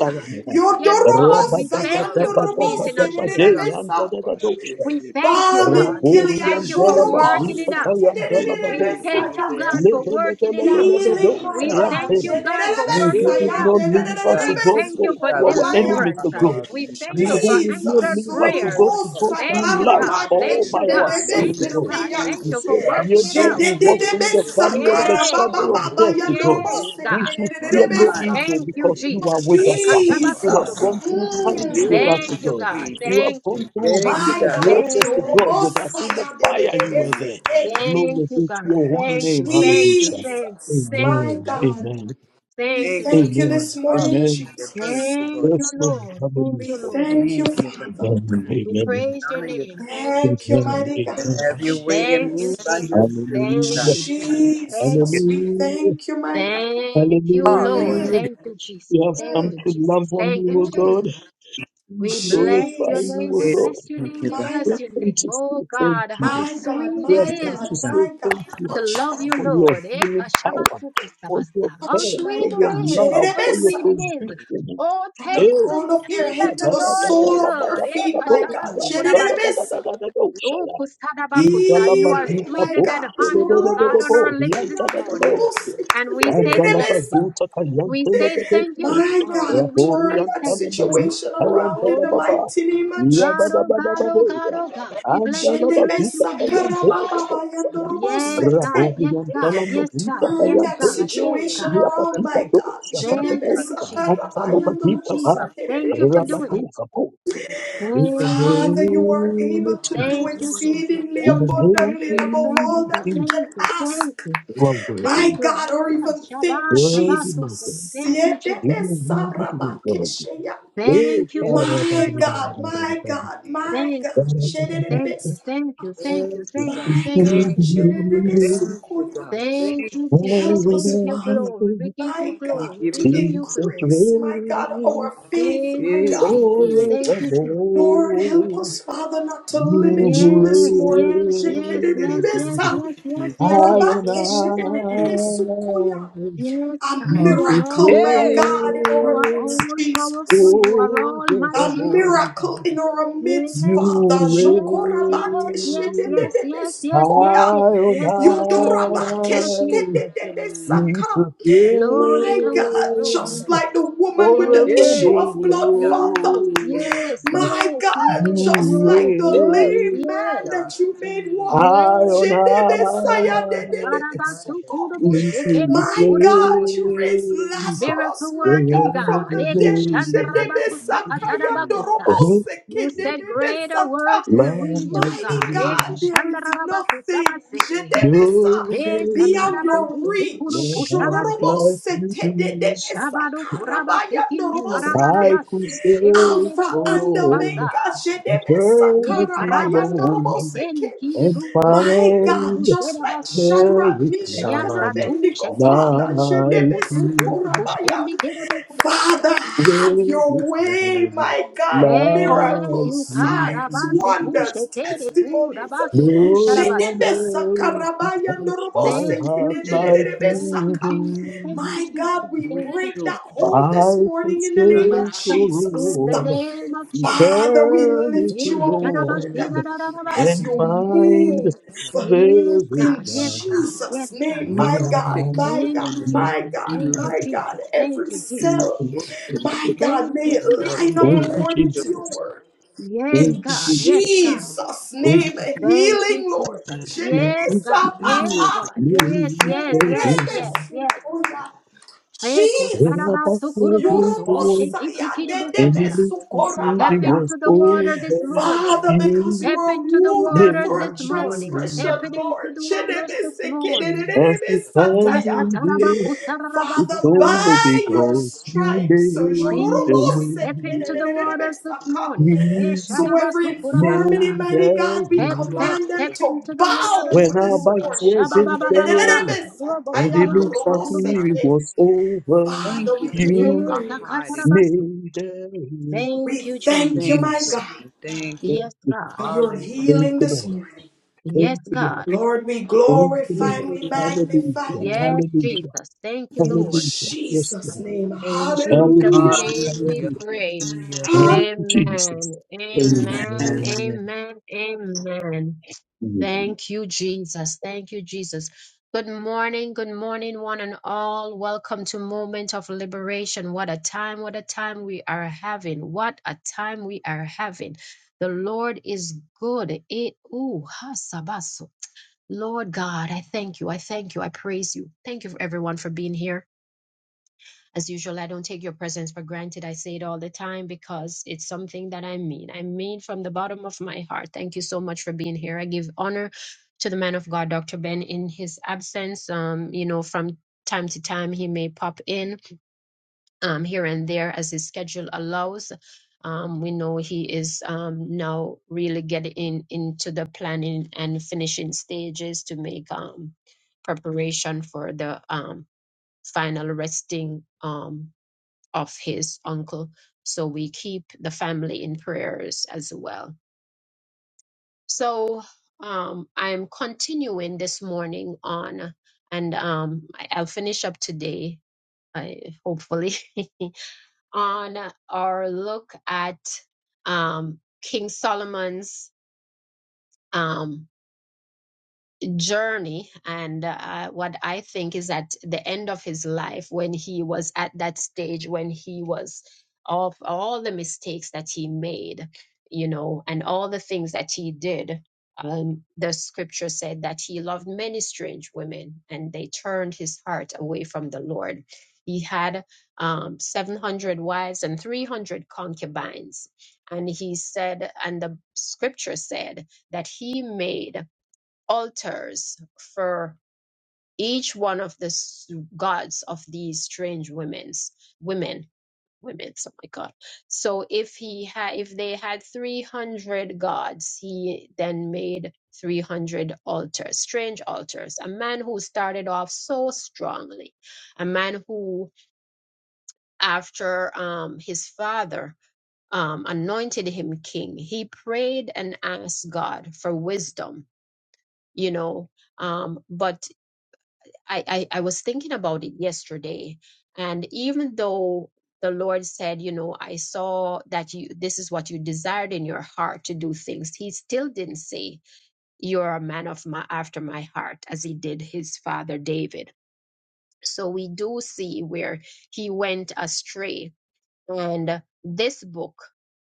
Thank Yes, you, God. God, we Yodorobosaya, thank Hallelujah. you for meeting us norobose, here. Hallelujah. dedededebesa. Hallelujah, God. We thank you, Balm Thank in God. you, We God. Gilead, Raborian thank you Yay, for Delaba, yay, working yay, it Jorobose, out. Nikatayan yay, We Delababo, yay, thank you, dededededebesaya. yay, God, for working it out. healing, Lebelebedo, my We God. Sayam God. thank you, Ferry. God, for You who working it did Shededededebesaya, Yay, not out. leave us God. to We go thank Thank for, you, you for to God. We our dededededebesaya. enemies deliverance. to go. We are thank you You tired who for did not answered Jesus, leave us to from prayers. go the to first, go Urubosa through God. Thank Yay, you, life Taraba God. all Thank by you, God. ourselves Thank to you, yay, yay, God. God. Ketebebesepea, yay, Thank You you for said, God. working yet it though We're out. we walk so through the Jededebesa valley of protected, the God. Yes. Karababa shadow of Baba death to God, Yes, Yandorobose we God. should Your fear no mind, Kedebesa. evil Thank you, because you are Jesus. with God. Take us. We a ah. Thank Shabbat You to you. have the Jesus, gone booster. through times Yay, with mm. us, to Thank you, God. God. yay, yay. You have Thank you. gone through Thank you, my the God. God, waters Thank to you, God with Jesus. us. Jorobosa In the fire, you were Thank you. there. Yadedebesepe. Thank Glory you, be to God. your holy Thank name. you, thank you, Hallelujah. Thank you, thank you, Jesus, God. thank my you, Amen. God, Jesus. Amen. we Thank you, Thank you, thank you Jesus. God. Amen. this morning, Amen. Hallelujah. Thank Jesus. you, God. Thank you, Yes, Lord. Lord. Thank We you, Hallelujah. Lord. thank you, Thank you, God. Father. Amen. We Amen. We praise your honor you, God. name. Thank you, Thank you, Jesus. Amen. mighty And Amen. have your way and Thank God. you, move by your Jesus. spirit, Thank Hallelujah. God. you, Jesus. Thank Thank you. you. Jesus, we Hallelujah. thank you, my God. Thank you, Lord. Hallelujah. Mm, Hallelujah. Thank you, We Jesus. have Thank come mm, you, to love Jesus. on Thank you, you, O mm. Jesus. God. We We bless glorify your you, name. O We Jesus, God. bless your Thank name. you, We God. my We bless God, have your come name. to Oh say thank God, how you. my God, sweet We it have my is come to God, God. say my God. thank you. to Touch, love you, Father, for your Lord. Eh, healing power, for kashabasukusabasa. your How touch, care, for mighty sweet your God. it is! love, How for your sweet Jenerebesa. it is! provision. Oh, From Eh, the taste and crown of their see that head to the da, da, the da, da, Lord is da, sole da, Yes. of da, their good. da, Eh, da, da, feet, my God. Thank da, da, you, da, da, kashabasukurabasi. Jenerebesa. da, da, da, da, da, Oh, da, kusadabakusa. you are Healing, Indalabadika my sweeter than God. boshe de honey, de oh de de de God, on our bo, lips Jororoboseke, this yanta da da morning. do. yandoroboseke, And we say thank jenerebesa. you. Dandalabazuta We kayante da say da do. thank you this My God. morning. God, We Rabori turn say that yanta thank na you. mazika situation kayante around in da the Oh baba. mighty name of Yaba God, Jesus. da oh ba da ba God, oh de God, ya. oh God. We bless you, we bless Andalabazuta you, we bless kayante you. da da do saya. Yes, Hallelujah. God. Rabori Yes, yanta na God. Yes, mazika God. Turn Yes, that kayante. God. Yes, Hey, situation God. this is a around, Yabadika my do God. beautiful sa thing, da Father da Thank do God. that you, sa. you never Jesus. seen, Thank you, Andalabadika Lord ba. God. Jesus. We Thank you for Thank you doing it. Rabatuka bo. for your In the mercy, Thank you, Father, you God. are name of able to God. do Thank New you, Jesus. mercy Jesus. exceedingly In every the Thank you. morning. name abundantly Thank Hey, and you. above of Thank all you. that we Jesus, Thank can you. Thank ask, you. you are worthy, my Thank you. God, or Ah, even think, Shabbat, Shabbat, worthy, my God. Sukkur. Jesus. Thank you, You are Jesus. worthy to be God. Eh, Thank you, hey, Holy hey, My Spirit of God, God. hey, my ba-da-ba-da-ba-da-ba-da-ba. God, hey. hey. my Thank God. you, Jesus. Da-da-ba-da-ba. Thank you. Shedididibis. Thank you. Thank you. Thank you, Thank you. God. Jesus My Thank you. reigns God. Thank you, Lord. Thank you, Shedididibisukuya. God. Thank you. Thank you, Jesus. Help We us, give you Father, glory. We give you my We God, glory. give We you to the give you glory. increase, my God, our faith, Thank my you, God. glory. Jesus. Hey, forevermore. Thank you, Jesus. Lord, help us, Father, not to You limit you this Yes, morning. yes, yes, reign yes, yes, Shedidididibisa. yes, yes, yes, high yes, on yes, yes, yes, yes. Rabakeshedididibisukuya. high. Yes, A God, you are Jesus all miracle, my hey, God, powerful. in You our are reigns. all midst, Jesus. powerful. You are Oh, A almighty forevermore, God. miracle in our Yes, midst, you Father. yes, yes, yes, reign yes, yes, yes, high yes, yes, Jokorabakeshedededebesikoya. on yes, yes, yes, yes, yes, yes, high. yes, yes. Mm. Yudorabakeshedededebesaka. Jesus Glory, My glory, God, glory. reign just like the woman with Yes, the issue hey, of yes, blood, yes, God. Father. yes, forevermore. yes, My yes, God, just You yes, like the Hey, yes, reign lame man yes. that God. you made Mm. high walk. Yes. on high. Right. Jesus My God, Arabasukurubushikirabukurabakos. you raised reign Miracle Lazarus, my God, working from God. the dead. forevermore. Mm. Ekushandarabakusakatarabakusa. You said greater works will we Like do, Mighty God. Hey, God, you. there is nothing Ekushandarabakusabase. Jedebesa, No one beyond your touches my reach. hand Esatarabakusukurukusabase. like Shororobose you do. tededebesa Shabado kuraba karabaya sekinde hey, norobose I ke. karabarabasu could search Alpha for shererebo and sabasa all Omega. Jedebesa ye eternity karabaya karabasu long, norobose setende ke. kide and buru busu My kuru God, find just like busherabasu there Shadrach, is hey. Meshach, and yasa none tu Abednego, shete Father, du kuru like kusu you. kuru Jedebesukorabaya. kushende kerebo kurabasa Father, have your There is way, my none God. Hallelujah. thank like Miracles, you signs, you. karabasi wonders, kushetere testimonies. kurabasu No one kusharabasa else could Jedebesakarabaya touch my thank heart you like Jesus thank you you ndorobosekededededebesaka. Jesus do. thank you My God, Jesus we We thank you break do that Jesus thank you, hold this I can morning in stay the name God. yes for of God Jesus. in the all name of Jesus Father, we lift eternity, you Yes, up, Lord, God. Lord, as and you find move Mm. there is in Yes, love. God. Jesus' Yes, God. name. We My don't God, take you in my for Thank God, you, granted. you. my Jesus. God, We Thank you, love you my God, Jesus. Thank every you, and we Jesus. cell, worship you, Thank my God, Thank may you, it God. Jesus. line up We you, bless Thank you, according to you. your Jesus. Jesus. word. Yes, Thank In you, God. Yes, Jesus. God. Jesus' Thank name, you, Thank Jesus. you, healing, Lord. Jesus. Yes, Jesus, God. Yes, Mm. God. Yes, you yes, saved yes, me. yes, yes. Eko And I sharaba was Jesus. sokorobo praising the sobo Lord, Our Yorobosaya de God. de and he shekete lives us in Step the besukorabaya. world. into the Oh, water this morning. Father, because you you Step were into the wounded made waters for this a a Father, morning. you way. are, Step transgression, it into Lord. the waters this morning. As we stand Chedebesekedededebesataya. here, it's Father, only Yasatarabakusararabakusabasa. by your Father, you because you stripes, are, made a way. Jesus, step into the indeed. waters this jororobosekededededebesaka. morning. You so every Eshadabasukurabasa. infirmity, made mighty God, a we Step, you way. are, step, command them step to into the water bow When this our this morning. backs were morning. against Father, the wall Shabababababa. and Chekededededebesataya it our looks as rock, if God. it Robosurubusukurubusu. noroboseke. was over, Father, Thank you we that give you you are you hiding. praise. Esakatarabasu. made a way. We Thank you, thank you, Jesus. Thank my you, Release. God, Lord. thank you, Thank Yes, you, God. for your hallelujah, thank healing you, this Lord. Jesus. morning. Yes, Thank you, Lord. God. Lord, we Thank you, glorify Lord. and we Mm, magnify Hallelujah, you Yes, hallelujah, Jesus. Thank you, in Lord. hallelujah. Yes, Jesus' Lord. name. In Jesus' Hallelujah. Hallelujah, name we Hallelujah, hallelujah. pray. hallelujah, Hallelujah. In Jesus. Amen. Amen. Amen. amen. Amen. Amen. Thank you, Jesus. Thank you, Jesus. Good morning. Good morning, one and all. Welcome to Moment of Liberation. What a time. What a time we are having. What a time we are having. The Lord is good. It, ooh, Lord God, I thank you. I thank you. I praise you. Thank you for everyone for being here. As usual, I don't take your presence for granted. I say it all the time because it's something that I mean. I mean from the bottom of my heart. Thank you so much for being here. I give honor to the man of God, Dr. Ben, in his absence. Um, you know, from time to time he may pop in um, here and there as his schedule allows. Um, we know he is um, now really getting in, into the planning and finishing stages to make um, preparation for the um, final resting um, of his uncle. So we keep the family in prayers as well. So um, I'm continuing this morning on, and um, I- I'll finish up today, I, hopefully. on our look at um, King Solomon's. Um, journey and uh, what i think is at the end of his life when he was at that stage when he was of all the mistakes that he made you know and all the things that he did um, the scripture said that he loved many strange women and they turned his heart away from the lord he had um, 700 wives and 300 concubines and he said and the scripture said that he made altars for each one of the s- gods of these strange women's women women's oh my god so if he had if they had 300 gods he then made 300 altars strange altars a man who started off so strongly a man who after um his father um anointed him king he prayed and asked god for wisdom you know um but I, I I was thinking about it yesterday, and even though the Lord said, you know, I saw that you this is what you desired in your heart to do things, He still didn't say you're a man of my after my heart as He did his father David. So we do see where he went astray and this book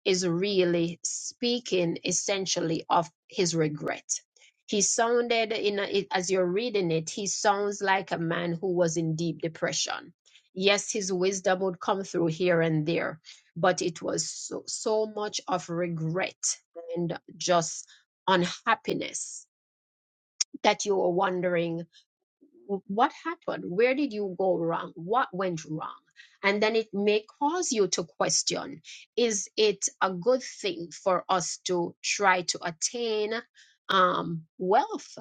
is really speaking essentially of his regret. He sounded in a, it- as you're reading it, he sounds like a man who was in deep depression. Yes, his wisdom would come through here and there, but it was so, so much of regret and just unhappiness that you were wondering w- what happened where did you go wrong what went wrong and then it may cause you to question is it a good thing for us to try to attain um, wealth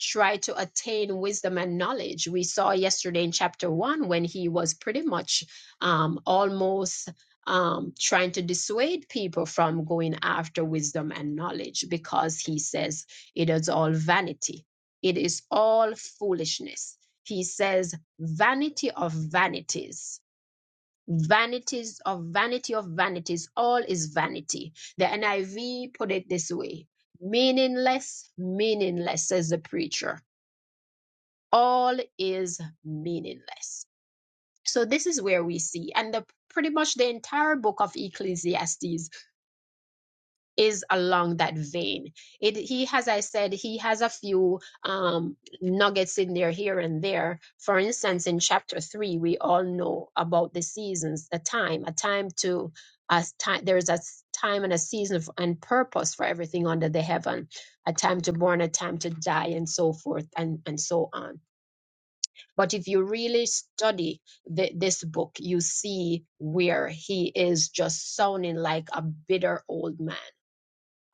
try to attain wisdom and knowledge we saw yesterday in chapter one when he was pretty much um, almost um, trying to dissuade people from going after wisdom and knowledge because he says it is all vanity it is all foolishness. He says, vanity of vanities. Vanities of vanity of vanities, all is vanity. The NIV put it this way meaningless, meaningless, says the preacher. All is meaningless. So, this is where we see, and the, pretty much the entire book of Ecclesiastes is along that vein. It he has I said he has a few um nuggets in there here and there. For instance, in chapter three, we all know about the seasons, the time, a time to a time there's a s- time and a season f- and purpose for everything under the heaven, a time to born, a time to die, and so forth and, and so on. But if you really study th- this book, you see where he is just sounding like a bitter old man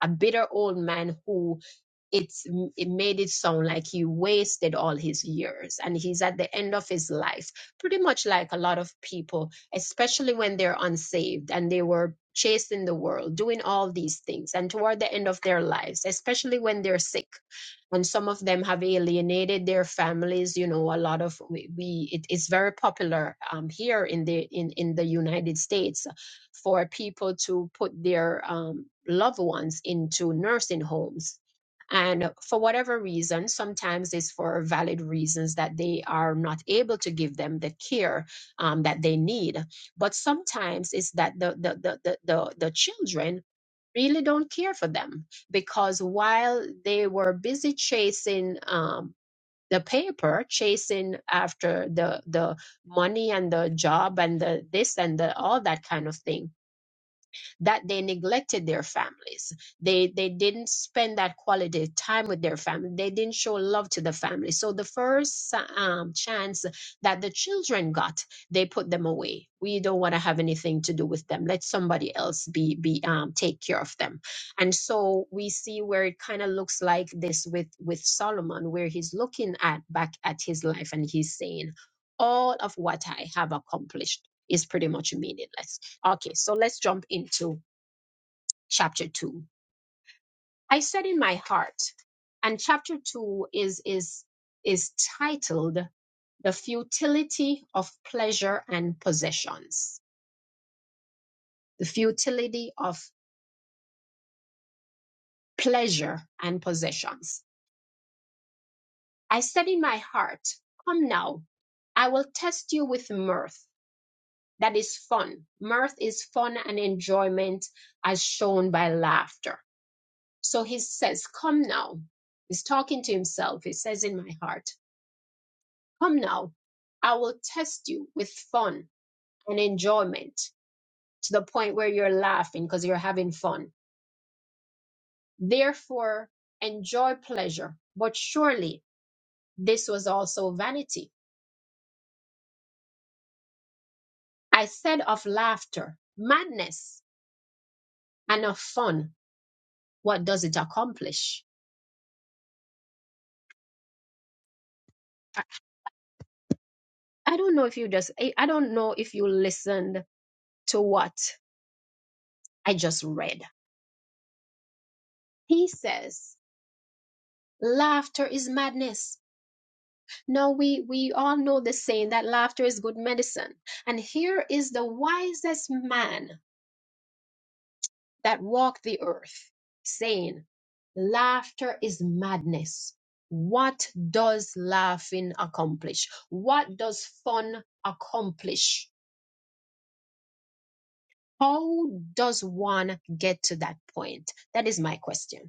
a bitter old man who it's it made it sound like he wasted all his years and he's at the end of his life pretty much like a lot of people especially when they're unsaved and they were chasing the world doing all these things and toward the end of their lives especially when they're sick and some of them have alienated their families you know a lot of we, we it is very popular um, here in the in, in the united states for people to put their um, loved ones into nursing homes and for whatever reason, sometimes it's for valid reasons that they are not able to give them the care um, that they need. But sometimes it's that the, the, the, the, the, the children really don't care for them because while they were busy chasing um, the paper, chasing after the, the money and the job and the this and the all that kind of thing, that they neglected their families. They they didn't spend that quality time with their family. They didn't show love to the family. So the first um, chance that the children got, they put them away. We don't want to have anything to do with them. Let somebody else be be um, take care of them. And so we see where it kind of looks like this with with Solomon, where he's looking at back at his life and he's saying, all of what I have accomplished is pretty much meaningless Okay, so let's jump into chapter two. I said in my heart, and chapter two is is is titled The Futility of Pleasure and Possessions. The futility of pleasure and possessions. I said in my heart, Come now, I will test you with mirth. That is fun. Mirth is fun and enjoyment as shown by laughter. So he says, Come now. He's talking to himself. He says, In my heart, Come now. I will test you with fun and enjoyment to the point where you're laughing because you're having fun. Therefore, enjoy pleasure. But surely this was also vanity. I said of laughter, madness, and of fun, what does it accomplish? I don't know if you just, I I don't know if you listened to what I just read. He says, Laughter is madness. Now we we all know the saying that laughter is good medicine. And here is the wisest man that walked the earth saying, Laughter is madness. What does laughing accomplish? What does fun accomplish? How does one get to that point? That is my question.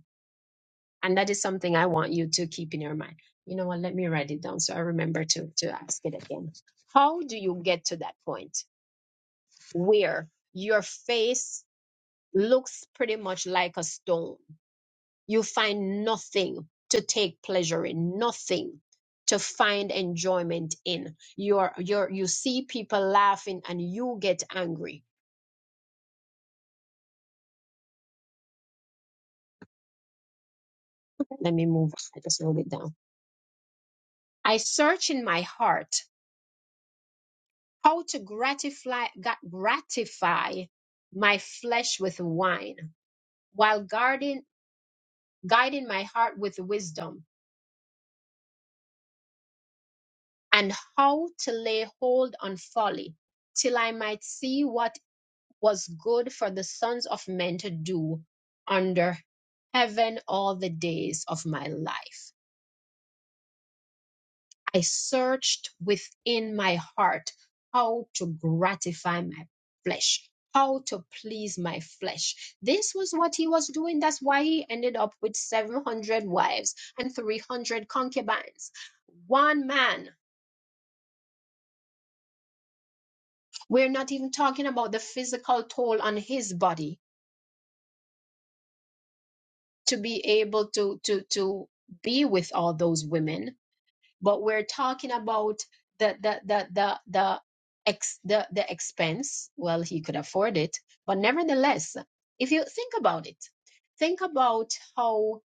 And that is something I want you to keep in your mind. You know what? Let me write it down so I remember to, to ask it again. How do you get to that point where your face looks pretty much like a stone? You find nothing to take pleasure in, nothing to find enjoyment in. You're, you're, you see people laughing and you get angry. Let me move. on. I just wrote it down. I search in my heart how to gratify gra- gratify my flesh with wine while guarding guiding my heart with wisdom and how to lay hold on folly till i might see what was good for the sons of men to do under heaven all the days of my life I searched within my heart how to gratify my flesh, how to please my flesh. This was what he was doing. That's why he ended up with 700 wives and 300 concubines. One man. We're not even talking about the physical toll on his body to be able to to to be with all those women but we're talking about the the the the the ex the, the expense well he could afford it but nevertheless if you think about it think about how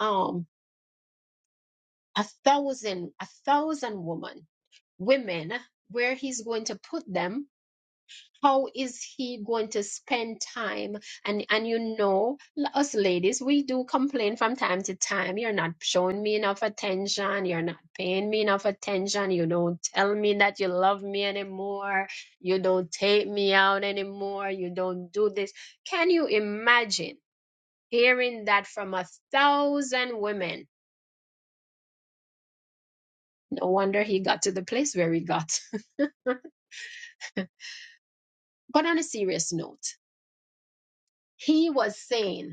um a thousand a thousand women women where he's going to put them how is he going to spend time and and you know l- us ladies we do complain from time to time you're not showing me enough attention you're not paying me enough attention you don't tell me that you love me anymore you don't take me out anymore you don't do this can you imagine hearing that from a thousand women no wonder he got to the place where he got but on a serious note he was saying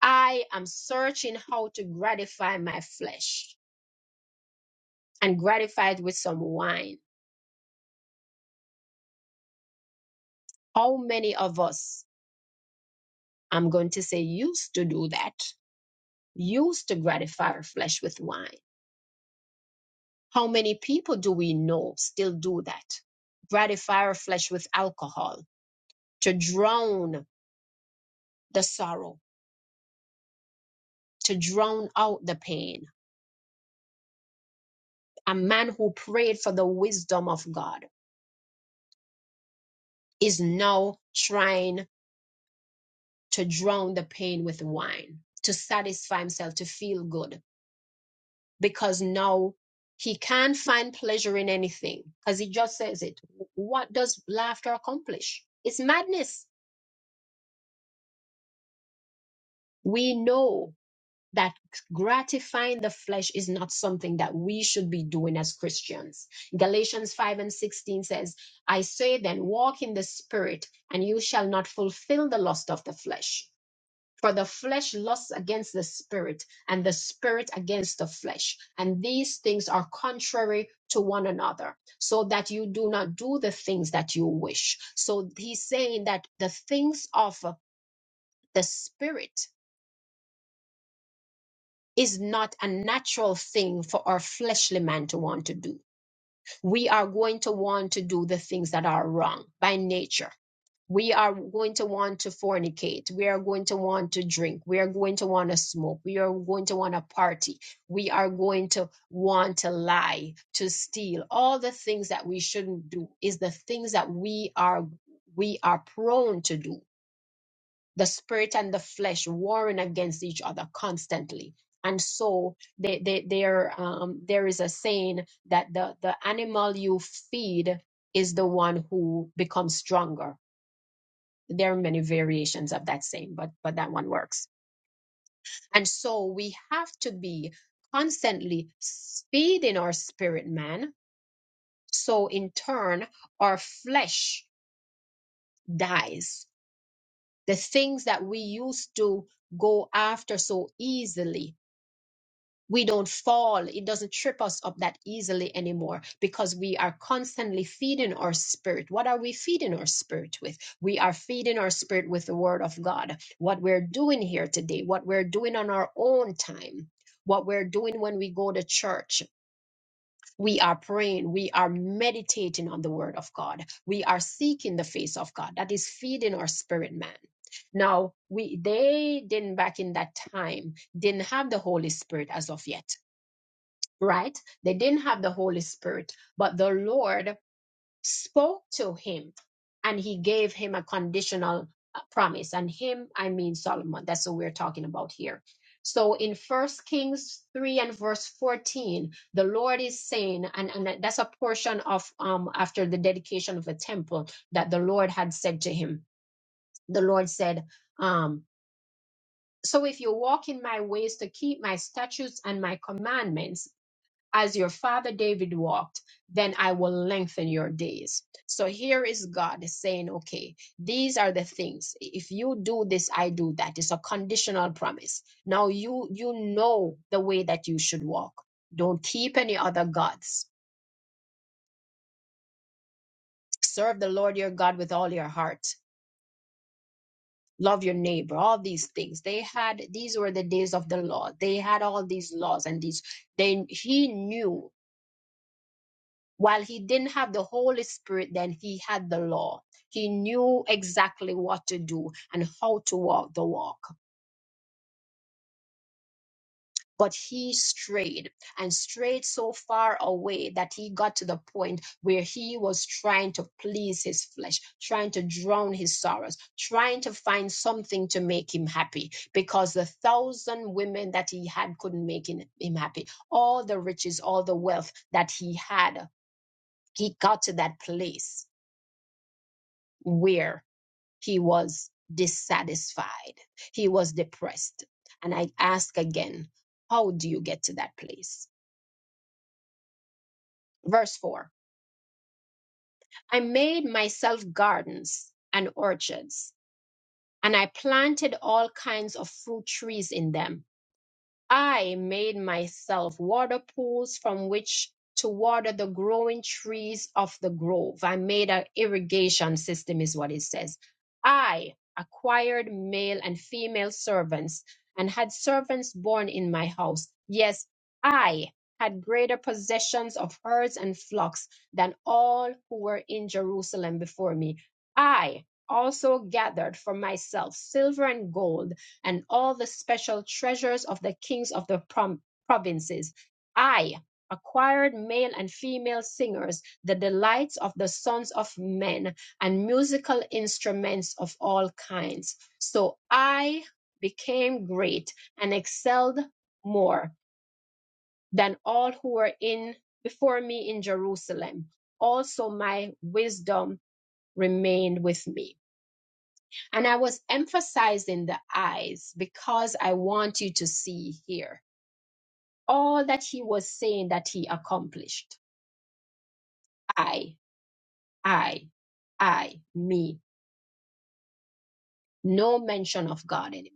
I am searching how to gratify my flesh and gratify it with some wine. How many of us, I'm going to say, used to do that, used to gratify our flesh with wine? How many people do we know still do that? Gratify our flesh with alcohol to drown the sorrow, to drown out the pain. A man who prayed for the wisdom of God is now trying to drown the pain with wine, to satisfy himself, to feel good, because now he can't find pleasure in anything. Because he just says it. What does laughter accomplish? It's madness. We know that gratifying the flesh is not something that we should be doing as Christians. Galatians 5 and 16 says, I say then, walk in the spirit, and you shall not fulfill the lust of the flesh. For the flesh lusts against the spirit, and the spirit against the flesh. And these things are contrary to one another, so that you do not do the things that you wish. So he's saying that the things of the spirit is not a natural thing for our fleshly man to want to do. We are going to want to do the things that are wrong by nature we are going to want to fornicate. We are going to want to drink. We are going to want to smoke. We are going to want to party. We are going to want to lie, to steal. All the things that we shouldn't do is the things that we are we are prone to do. The spirit and the flesh warring against each other constantly. And so they, they, there um, there is a saying that the, the animal you feed is the one who becomes stronger there are many variations of that same but but that one works and so we have to be constantly feeding our spirit man so in turn our flesh dies the things that we used to go after so easily we don't fall it doesn't trip us up that easily anymore because we are constantly feeding our spirit what are we feeding our spirit with we are feeding our spirit with the word of god what we're doing here today what we're doing on our own time what we're doing when we go to church we are praying we are meditating on the word of god we are seeking the face of god that is feeding our spirit man now we they didn't back in that time didn't have the holy spirit as of yet right? They didn't have the Holy Spirit, but the Lord spoke to him and he gave him a conditional uh, promise. And him, I mean Solomon. That's what we're talking about here. So in First Kings 3 and verse 14, the Lord is saying, and, and that's a portion of um after the dedication of the temple that the Lord had said to him. The Lord said, um, so if you walk in my ways to keep my statutes and my commandments, as your father David walked, then I will lengthen your days. So here is God saying, okay, these are the things. If you do this, I do that. It's a conditional promise. Now you you know the way that you should walk. Don't keep any other gods. Serve the Lord your God with all your heart. Love your neighbor, all these things. They had these were the days of the law. They had all these laws and these they he knew while he didn't have the Holy Spirit, then he had the law. He knew exactly what to do and how to walk the walk. But he strayed and strayed so far away that he got to the point where he was trying to please his flesh, trying to drown his sorrows, trying to find something to make him happy because the thousand women that he had couldn't make him him happy. All the riches, all the wealth that he had, he got to that place. Where He was dissatisfied. He was depressed. And I ask again, how do you get to that place? Verse 4 I made myself gardens and orchards, and I planted all kinds of fruit trees in them I made myself water pools from which to water the growing trees of the grove. I made an irrigation system, is what it says. I acquired male and female servants and had servants born in my house. Yes, I had greater possessions of herds and flocks than all who were in Jerusalem before me. I also gathered for myself silver and gold and all the special treasures of the kings of the prom- provinces. I acquired male and female singers, the delights of the sons of men, and musical instruments of all kinds. So I became great and excelled more than all who were in before me in Jerusalem. Also my wisdom remained with me. And I was emphasizing the eyes because I want you to see here all that he was saying that he accomplished. I, I, I, me. No mention of God anymore.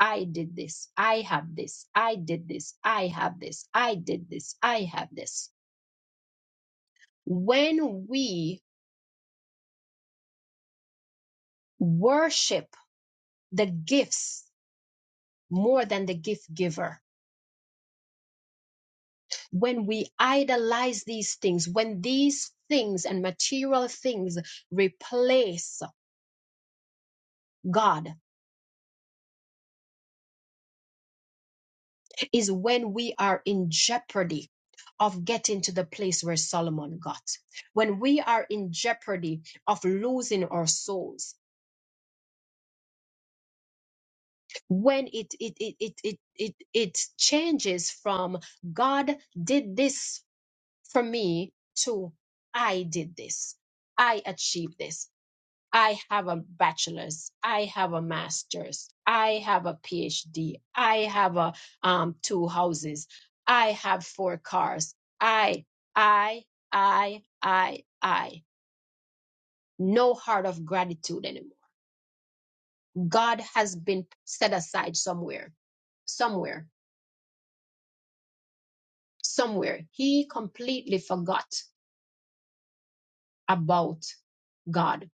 I did this. I have this. I did this. I have this. I did this. I have this. When we worship the gifts more than the gift giver, when we idolize these things, when these things and material things replace God, is when we are in jeopardy of getting to the place where Solomon got. When we are in jeopardy of losing our souls, when it it it it it it, it changes from God did this for me to I did this. I achieved this. I have a bachelor's, I have a master's, I have a PhD, I have a um, two houses, I have four cars. I, I, I, I, I. No heart of gratitude anymore. God has been set aside somewhere, somewhere, somewhere. He completely forgot about God.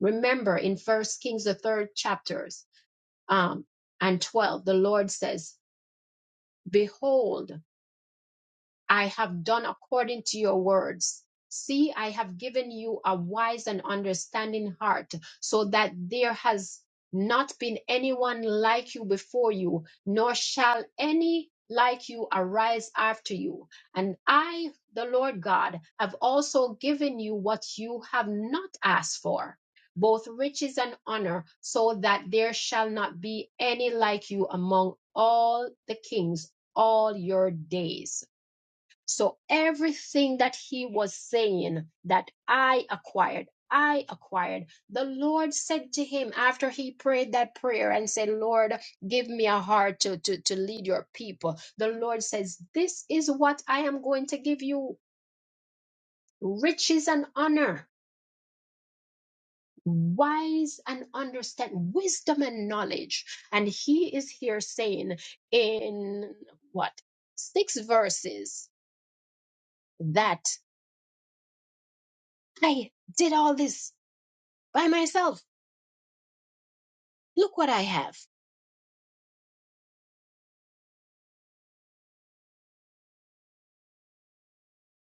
Remember in First Kings, the third chapters um, and 12, the Lord says, Behold, I have done according to your words. See, I have given you a wise and understanding heart, so that there has not been anyone like you before you, nor shall any like you arise after you. And I, the Lord God, have also given you what you have not asked for, both riches and honor, so that there shall not be any like you among all the kings all your days. So everything that he was saying that I acquired, I acquired. The Lord said to him after he prayed that prayer and said, Lord, give me a heart to, to, to lead your people. The Lord says, This is what I am going to give you riches and honor, wise and understand, wisdom and knowledge. And he is here saying in what? Six verses that I did all this by myself. Look what I have.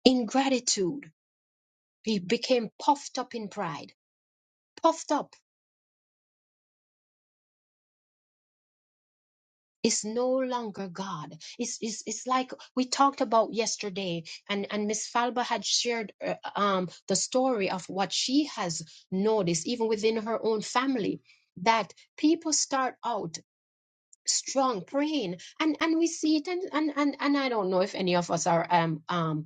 Ingratitude. He became puffed up in pride. Puffed up is no longer God. It's, it's, it's like we talked about yesterday, and, and Miss Falba had shared uh, um, the story of what she has noticed, even within her own family, that people start out strong praying and and we see it and and and, and i don't know if any of us are um um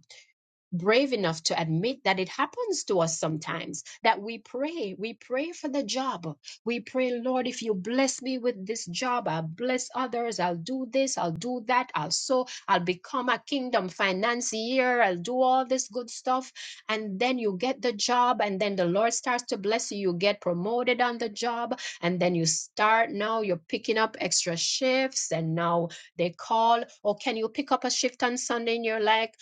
brave enough to admit that it happens to us sometimes that we pray we pray for the job we pray lord if you bless me with this job i'll bless others i'll do this i'll do that i'll sow i'll become a kingdom financier i'll do all this good stuff and then you get the job and then the lord starts to bless you you get promoted on the job and then you start now you're picking up extra shifts and now they call or can you pick up a shift on sunday and you're like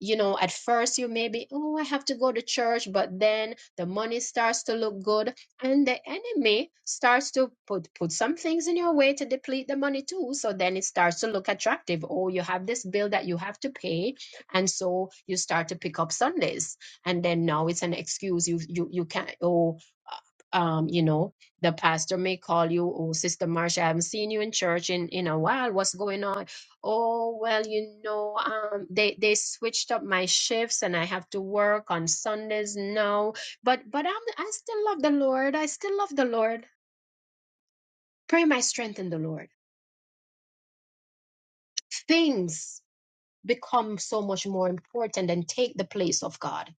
you know, at first you may be, oh, I have to go to church, but then the money starts to look good, and the enemy starts to put put some things in your way to deplete the money too. So then it starts to look attractive. Oh, you have this bill that you have to pay, and so you start to pick up Sundays, and then now it's an excuse. You you you can't. Oh, uh, um, you know, the pastor may call you, oh, Sister Marsha, I haven't seen you in church in in a while. What's going on? Oh, well, you know, um, they they switched up my shifts and I have to work on Sundays now. But but I'm I still love the Lord. I still love the Lord. Pray my strength in the Lord. Things become so much more important and take the place of God.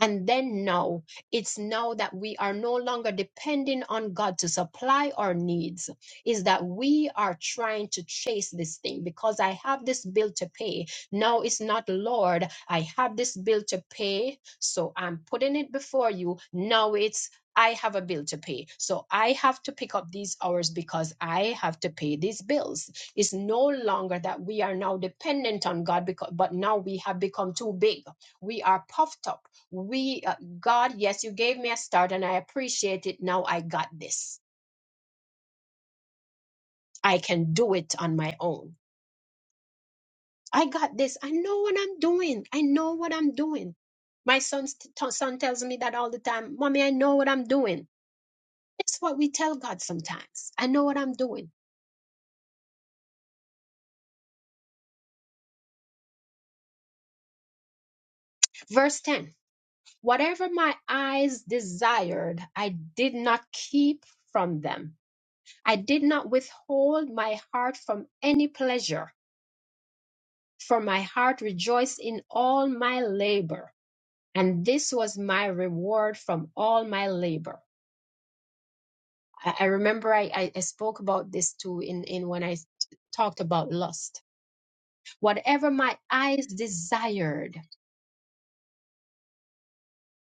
and then now it's now that we are no longer depending on God to supply our needs, is that we are trying to chase this thing because I have this bill to pay. Now it's not, Lord, I have this bill to pay, so I'm putting it before you. Now it's I have a bill to pay. So I have to pick up these hours because I have to pay these bills. It's no longer that we are now dependent on God because but now we have become too big we are puffed up we uh, god yes you gave me a start and i appreciate it now i got this i can do it on my own i got this i know what i'm doing i know what i'm doing my son's t- t- son tells me that all the time mommy i know what i'm doing it's what we tell god sometimes i know what i'm doing verse 10 whatever my eyes desired i did not keep from them i did not withhold my heart from any pleasure for my heart rejoiced in all my labor, and this was my reward from all my labor. I, I remember I, I, I spoke about this too in, in when I talked about lust. Whatever my eyes desired,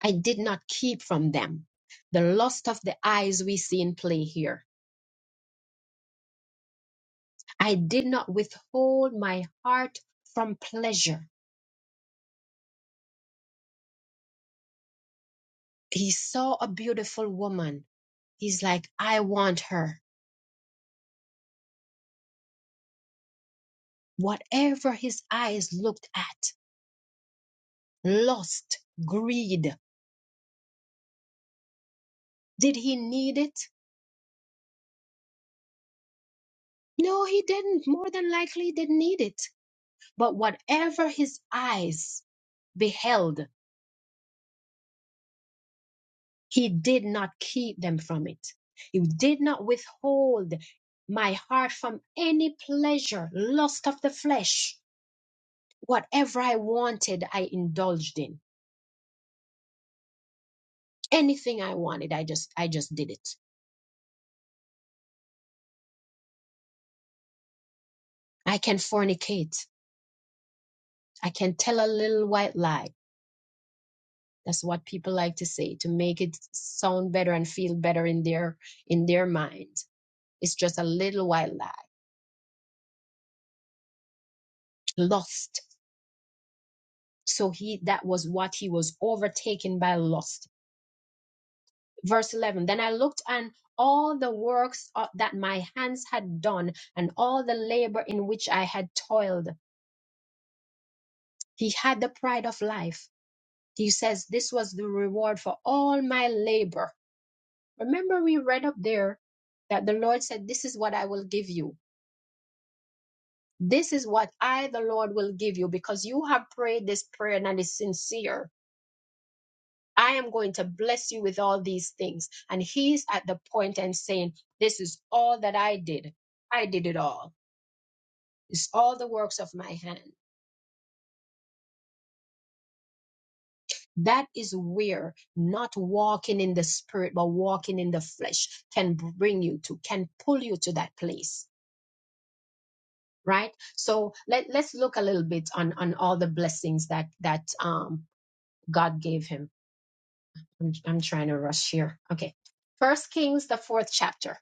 I did not keep from them. The lust of the eyes we see in play here. I did not withhold my heart from pleasure. He saw a beautiful woman. He's like, I want her. Whatever his eyes looked at, lust, greed, did he need it? No, he didn't. More than likely, he didn't need it. But whatever his eyes beheld, he did not keep them from it. He did not withhold my heart from any pleasure, lust of the flesh. Whatever I wanted, I indulged in. Anything I wanted, I just, I just did it. I can fornicate. I can tell a little white lie. That's what people like to say to make it sound better and feel better in their in their mind. It's just a little while lag, lost. So he that was what he was overtaken by lust. Verse 11. Then I looked and all the works uh, that my hands had done and all the labor in which I had toiled. He had the pride of life. He says this was the reward for all my labor. Remember we read up there that the Lord said this is what I will give you This is what I, the Lord, will give you because you have prayed this prayer and it is sincere. I am going to bless you with all these things. And he's at the point and saying, This is all that I did. I did it all. It's all the works of my hand. That is where not walking in the spirit, but walking in the flesh can bring you to, can pull you to that place. Right. So let, let's look a little bit on, on all the blessings that, that, um, God gave him I'm, I'm trying to rush here. Okay. First Kings, the fourth chapter.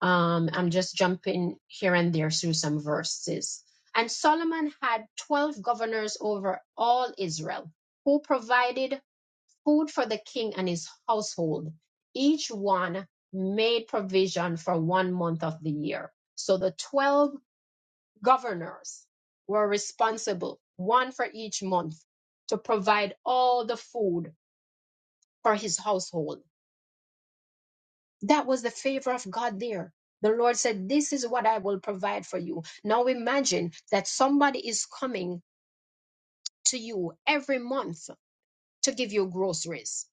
Um, I'm just jumping here and there through some verses. And Solomon had 12 governors over all Israel who provided food for the king and his household. Each one made provision for one month of the year. So the 12 governors were responsible, one for each month, to provide all the food for his household That was the favor of God there. The Lord said, This is what I will provide for you. Now imagine that somebody is coming to you every month to give you groceries.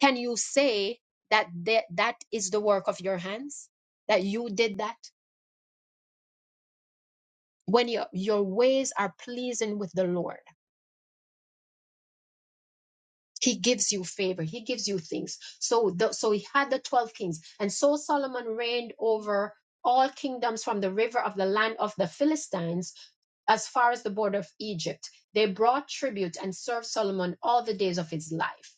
Can you say that that, that is the work of your hands? That you did that? When your, your ways are pleasing with the Lord. he gives you favor he gives you things so the, so he had the 12 kings and so solomon reigned over all kingdoms from the river of the land of the philistines as far as the border of egypt they brought tribute and served solomon all the days of his life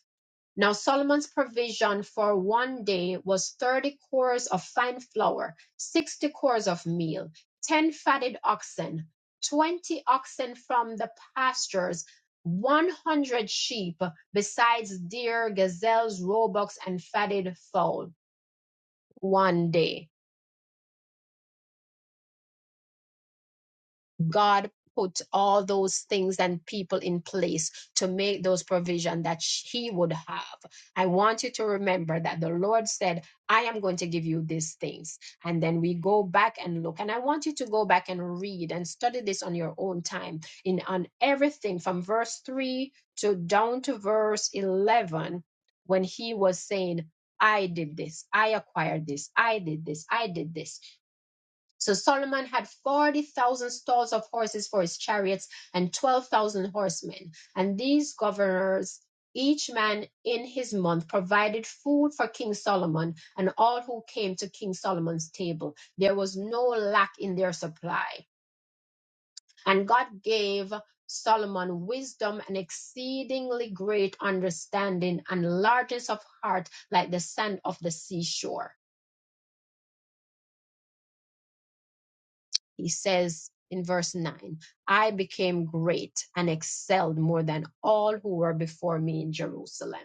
now Solomon's provision for one day was thirty cores of fine flour, sixty cores of meal, ten fatted oxen, twenty oxen from the pastures, one hundred sheep, besides deer, gazelles, roebucks, and fatted fowl. One day. God put all those things and people in place to make those provision that sh- he would have. I want you to remember that the Lord said, I am going to give you these things. And then we go back and look. And I want you to go back and read and study this on your own time in on everything from verse 3 to down to verse 11 when he was saying, I did this, I acquired this, I did this, I did this. So Solomon had 40,000 stalls of horses for his chariots and 12,000 horsemen. And these governors, each man in his month, provided food for King Solomon and all who came to King Solomon's table. There was no lack in their supply. And God gave Solomon wisdom and exceedingly great understanding and largeness of heart like the sand of the seashore He says in verse 9, I became great and excelled more than all who were before me in Jerusalem.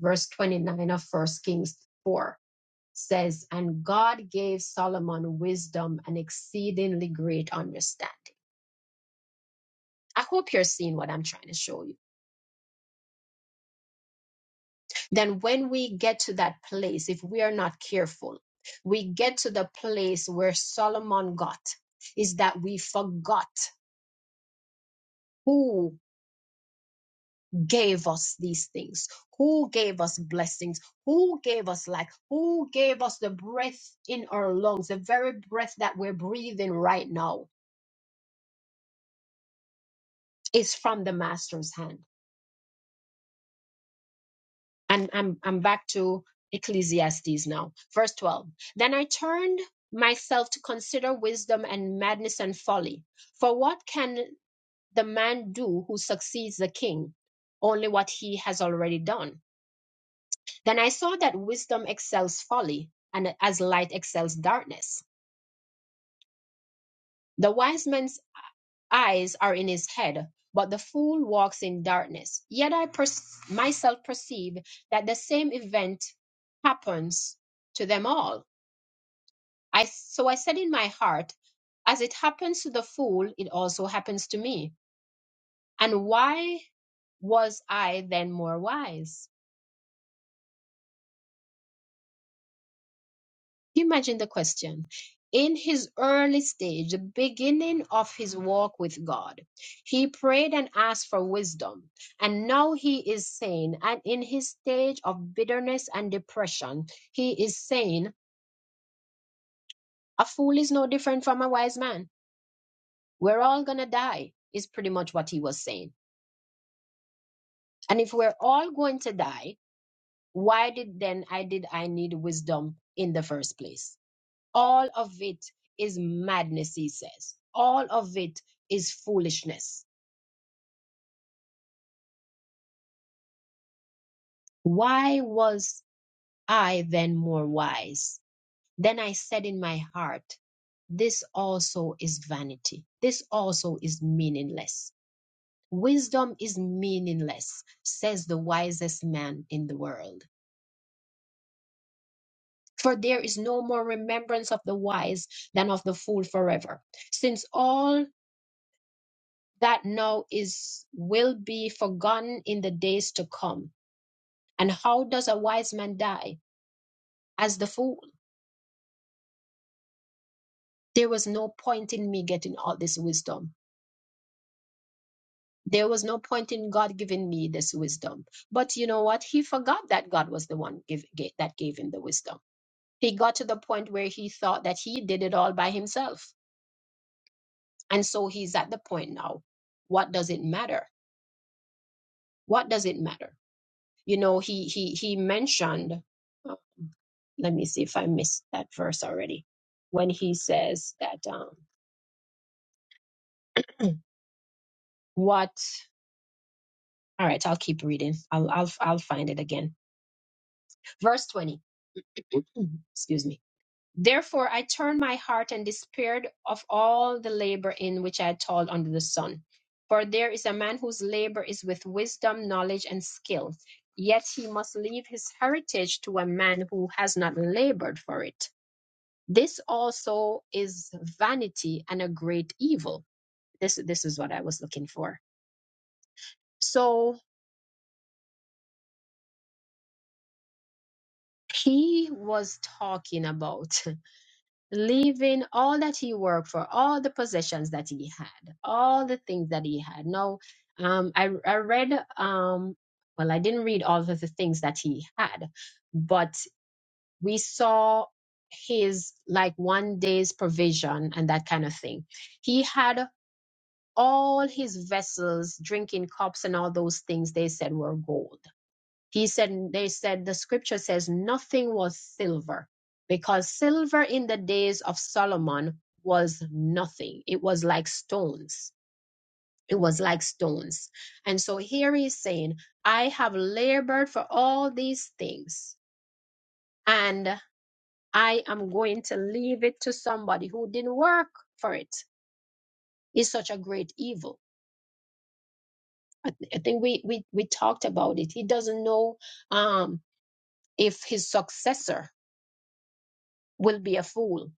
Verse 29 of First Kings 4 says, And God gave Solomon wisdom and exceedingly great understanding. I hope you're seeing what I'm trying to show you. Then, when we get to that place, if we are not careful, we get to the place where Solomon got, is that we forgot who gave us these things? Who gave us blessings? Who gave us life? Who gave us the breath in our lungs? The very breath that we're breathing right now is from the Master's hand. And I'm, I'm back to Ecclesiastes now, verse 12. Then I turned myself to consider wisdom and madness and folly. For what can the man do who succeeds the king? Only what he has already done. Then I saw that wisdom excels folly, and as light excels darkness. The wise man's eyes are in his head, but the fool walks in darkness. Yet I pers- myself perceive that the same event happens to them all. I, so I said in my heart, as it happens to the fool, it also happens to me. And why was I then more wise? Imagine the question. In his early stage, the beginning of his walk with God, he prayed and asked for wisdom. And now he is saying, and in his stage of bitterness and depression, he is saying, A fool is no different from a wise man. We're all going to die, is pretty much what he was saying. And if we're all going to die, why did then I did I need wisdom in the first place? All of it is madness, he says. All of it is foolishness. Why was I then more wise? Then I said in my heart, This also is vanity. This also is meaningless. Wisdom is meaningless, says the wisest man in the world. For there is no more remembrance of the wise than of the fool forever, since all that now is will be forgotten in the days to come. And how does a wise man die? As the fool. There was no point in me getting all this wisdom. There was no point in God giving me this wisdom. But you know what? He forgot that God was the one give, ga- that gave him the wisdom. He got to the point where he thought that he did it all by himself. And so he's at the point now. What does it matter? What does it matter? You know, he he he mentioned. let me see if I missed that verse already. When he says that, um, what? All right, I'll keep reading. I'll I'll I'll find it again. Verse twenty. Excuse me. Therefore I turned my heart and despaired of all the labor in which I had toiled under the sun. For there is a man whose labor is with wisdom, knowledge, and skill. Yet he must leave his heritage to a man who has not labored for it. This also is vanity and a great evil. This this is what I was looking for. So he was talking about leaving all that he worked for, all the possessions that he had, all the things that he had. Now, um, I I read um, well, I didn't read all of the things that he had, but we saw his like one day's provision and that kind of thing. He had all his vessels, drinking cups, and all those things they said were gold. He said, they said, the scripture says nothing was silver because silver in the days of Solomon was nothing. It was like stones. It was like stones. And so here he's saying, I have labored for all these things and I am going to leave it to somebody who didn't work for it. It's such a great evil. I, th- I think we, we, we talked about it. He doesn't know um, if his successor will be a fool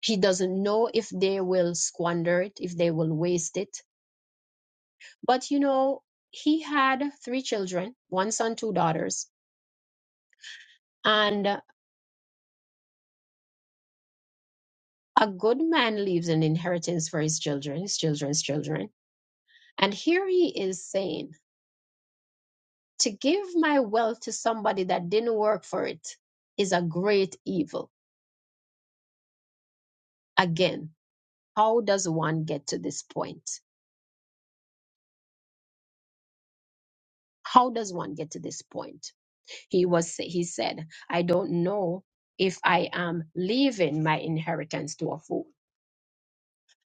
He doesn't know if they will squander it, if they will waste it. But you know, he had three children, one son, two daughters. And a good man leaves an inheritance for his children, his children's children. And here he is saying, to give my wealth to somebody that didn't work for it is a great evil. Again, how does one get to this point? How does one get to this point? He was he said, I don't know if I am leaving my inheritance to a fool.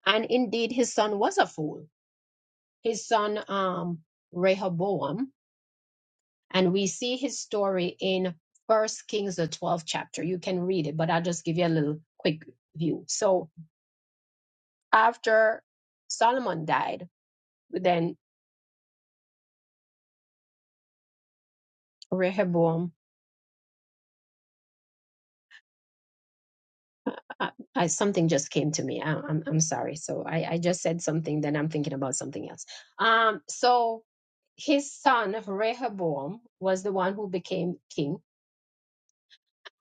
And indeed his son was a fool. His son um Rehoboam, and we see his story in First Kings the 12th chapter. You can read it, but I'll just give you a little quick view. So after Solomon died, then Rehoboam I, I something just came to me. I, I'm I'm sorry. So I I just said something. Then I'm thinking about something else. Um. So his son Rehoboam was the one who became king,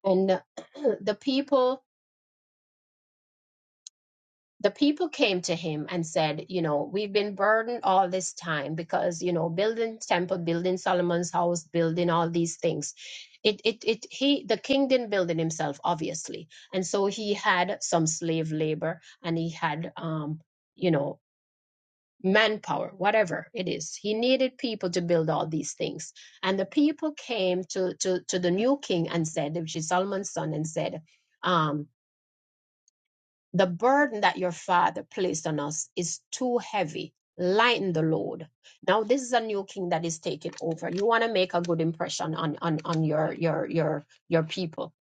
and the, the people the people came to him and said, you know, we've been burdened all this time because you know building temple, building Solomon's house, building all these things. It it it he the king didn't build it himself, obviously, and so he had some slave labor and he had um. You know, manpower, whatever it is. He needed people to build all these things. And the people came to, to, to the new king and said, which is Solomon's son, and said, um, The burden that your father placed on us is too heavy. Lighten the load. Now this is a new king that is taking over. You want to make a good impression on on on your your your your people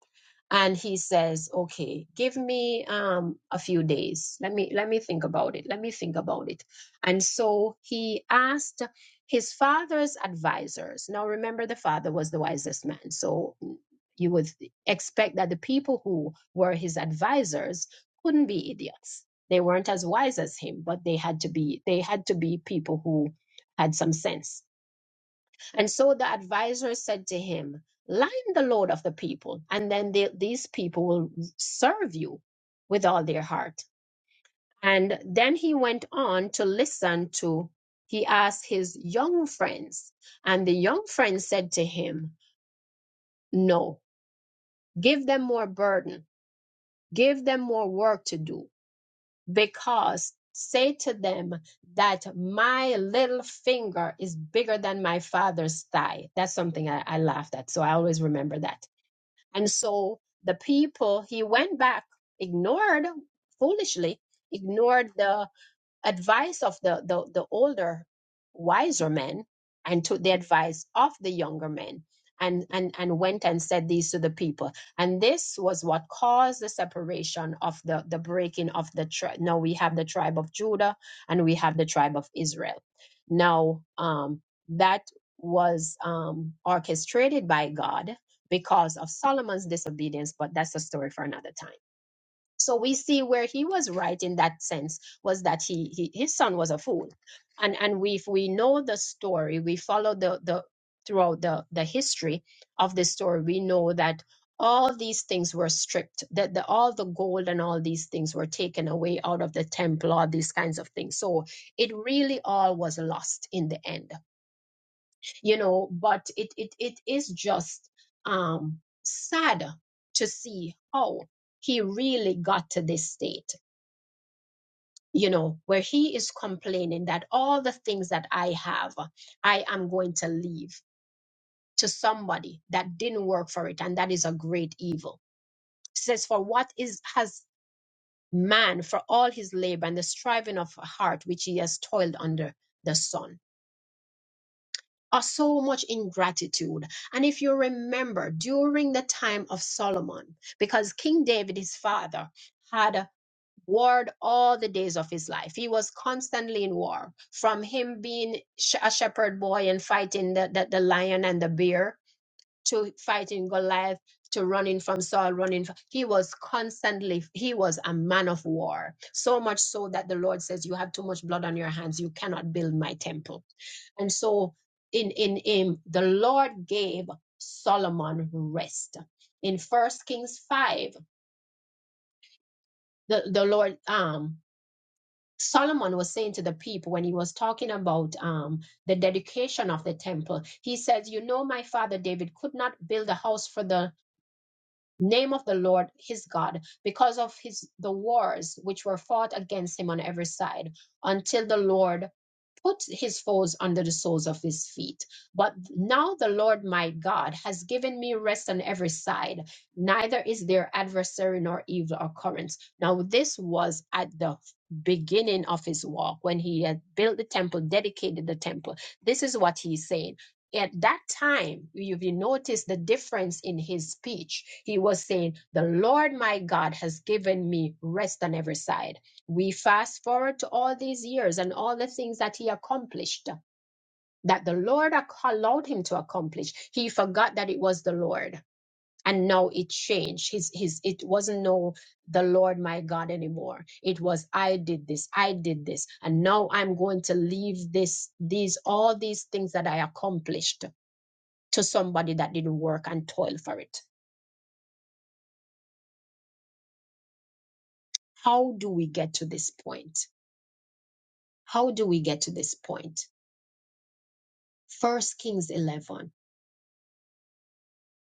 and he says okay give me um a few days let me let me think about it let me think about it and so he asked his father's advisors now remember the father was the wisest man so you would expect that the people who were his advisors couldn't be idiots they weren't as wise as him but they had to be they had to be people who had some sense and so the advisor said to him, Line the load of the people, and then they, these people will serve you with all their heart. And then he went on to listen to, he asked his young friends, and the young friends said to him, No, give them more burden, give them more work to do, because say to them that my little finger is bigger than my father's thigh. That's something I, I laughed at, so I always remember that And so the people, he went back, ignored foolishly, ignored the advice of the, the, the older, wiser men and took the advice of the younger men and, and, and went and said these to the people. And this was what caused the separation of the, the breaking of the tribe. Now we have the tribe of Judah and we have the tribe of Israel. Now, um, that was um, orchestrated by God because of Solomon's disobedience, but that's a story for another time so we see where he was right in that sense was that he, he his son was a fool and and we if we know the story we follow the the throughout the the history of the story we know that all these things were stripped that the, all the gold and all these things were taken away out of the temple all these kinds of things so it really all was lost in the end you know but it it, it is just um sad to see how he really got to this state you know where he is complaining that all the things that i have i am going to leave to somebody that didn't work for it and that is a great evil It says for what is has man for all his labor and the striving of heart which he has toiled under the sun are so much ingratitude. And if you remember during the time of Solomon, because King David, his father, had warred all the days of his life, he was constantly in war from him being sh- a shepherd boy and fighting the, the, the lion and the bear to fighting Goliath, to running from Saul, running. From, he was constantly, he was a man of war. So much so that the Lord says, You have too much blood on your hands. You cannot build my temple. And so in, in him, the Lord gave Solomon rest. In First Kings 5, the, the Lord, um, Solomon was saying to the people when he was talking about um, the dedication of the temple, he says, You know, my father David could not build a house for the name of the Lord his God because of his the wars which were fought against him on every side until the Lord put his foes under the soles of his feet. But now the Lord my God has given me rest on every side, neither is there adversary nor evil occurrence. Now, this was at the beginning of his walk when he had built the temple, dedicated the temple. This is what he's saying. At that time, if you notice the difference in his speech, he was saying, The Lord my God has given me rest on every side we fast forward to all these years and all the things that he accomplished that the lord ac- allowed him to accomplish he forgot that it was the lord and now it changed his his it wasn't no the lord my god anymore it was i did this i did this and now i'm going to leave this these all these things that i accomplished to somebody that didn't work and toil for it how do we get to this point how do we get to this point? point first kings 11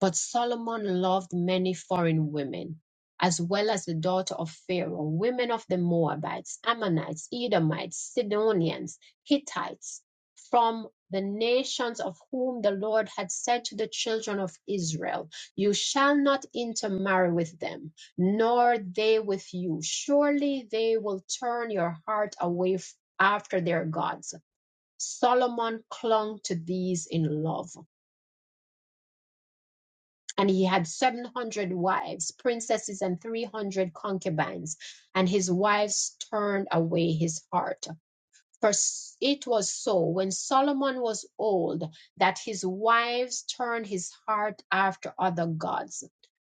But Solomon loved many foreign women, as well as the daughter of Pharaoh, women of the Moabites, Ammonites, Edomites, Sidonians, Hittites, from the nations of whom the Lord had said to the children of Israel, You shall not intermarry with them, nor they with you. Surely they will turn your heart away f- after their gods. Solomon clung to these in love and he had 700 wives, princesses, and 300 concubines, and his wives turned away his heart. For s- it was so when Solomon was old that his wives turned his heart after other gods,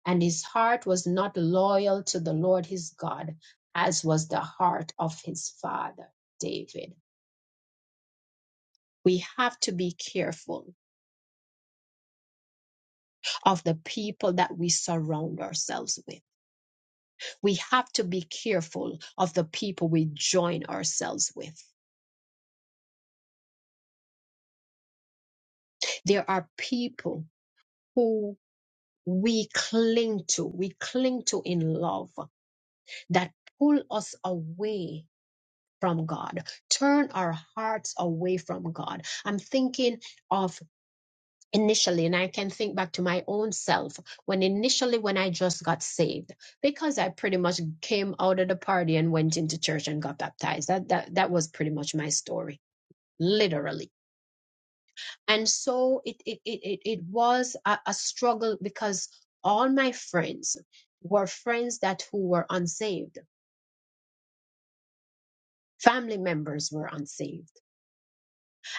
and his heart was not loyal to the Lord his God, as was the heart of his father David. We have to be careful of the people that we surround ourselves with we have to be careful of the people we join ourselves with. There are people who we cling to, we cling to in love that pull us away from God, turn our hearts away from God. I'm thinking of initially, and I can think back to my own self when initially, when I just got saved, because I pretty much came out of the party and went into church and got baptized. That, that, that was pretty much my story, literally and so it it it it, it was a, a struggle because all my friends were friends that who were unsaved family members were unsaved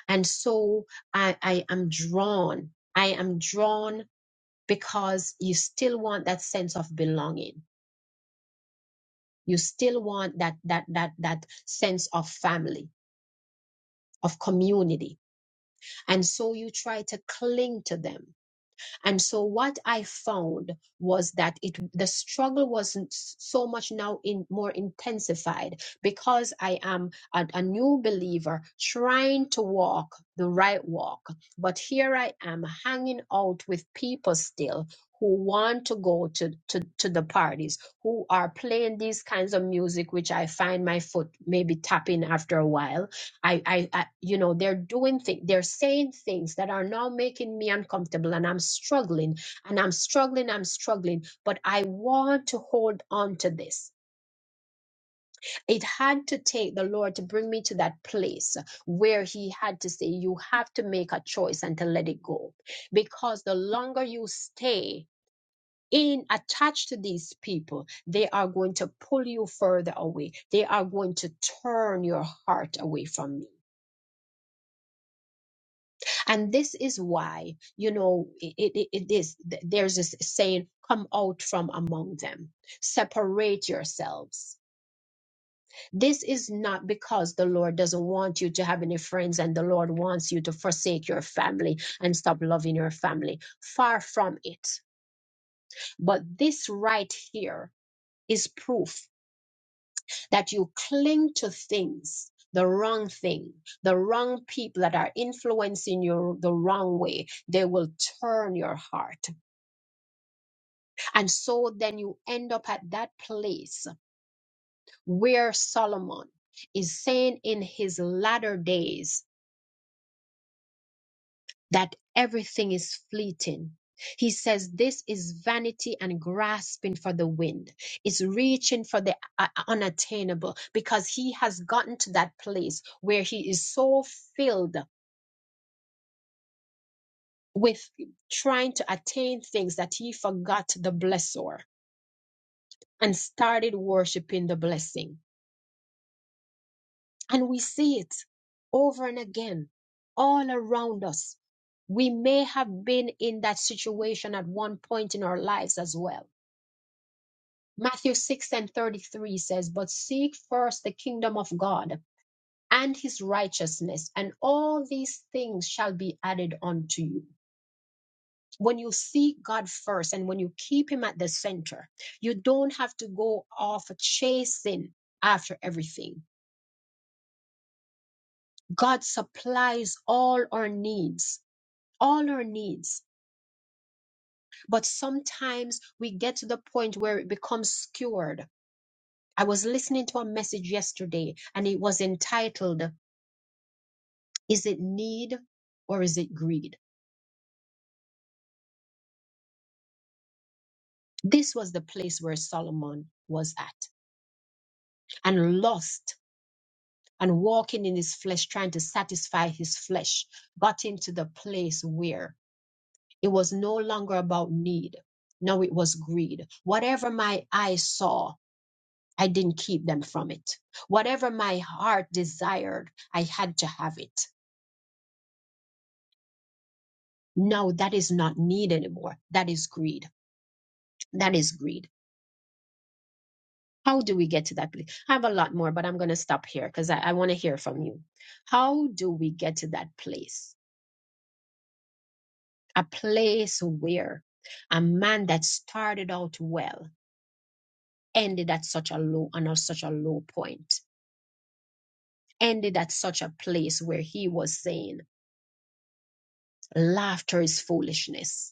and so i i am drawn i am drawn because you still want that sense of belonging you still want that that that that sense of family of community and so you try to cling to them And so what I found was that it the struggle wasn't s- so much now in more intensified because I am a, a new believer trying to walk the right walk. But here I am hanging out with people still who want to go to, to, to the parties, who are playing these kinds of music, which I find my foot maybe tapping after a while I, I, I you know, they're doing things, they're saying things that are now making me uncomfortable, and I'm struggling, and I'm struggling, I'm struggling, but I want to hold on to this. It had to take the Lord to bring me to that place where He had to say, You have to make a choice and to let it go. Because the longer you stay, in attached to these people, they are going to pull you further away. They are going to turn your heart away from me and this is why you know it, it, it is th- there's this saying come out from among them separate yourselves this is not because the lord doesn't want you to have any friends and the lord wants you to forsake your family and stop loving your family far from it but this right here is proof that you cling to things the wrong thing the wrong people that are influencing you the wrong way they will turn your heart And so then you end up at that place where Solomon is saying in his latter days that everything is fleeting. He says this is vanity and grasping for the wind. It's reaching for the uh, unattainable because he has gotten to that place where he is so filled with trying to attain things that he forgot the blessor and started worshiping the blessing And we see it over and again all around us. We may have been in that situation at one point in our lives as well. Matthew 6 and 33 says, But seek first the kingdom of God and his righteousness, and all these things shall be added unto you. When you seek God first and when you keep him at the center, you don't have to go off chasing after everything. God supplies all our needs all our needs. But sometimes we get to the point where it becomes skewed. I was listening to a message yesterday and it was entitled, Is it need or is it greed? This was the place where Solomon was at and lost and walking in his flesh, trying to satisfy his flesh, got into the place where it was no longer about need. No, it was greed. Whatever my eyes saw, I didn't keep them from it. Whatever my heart desired, I had to have it. No, that is not need anymore. That is greed. That is greed. How do we get to that place? I have a lot more, but I'm going to stop here because I, I want to hear from you. How do we get to that place? A place where a man that started out well ended at such a low and at such a low point, ended at such a place where he was saying, laughter is foolishness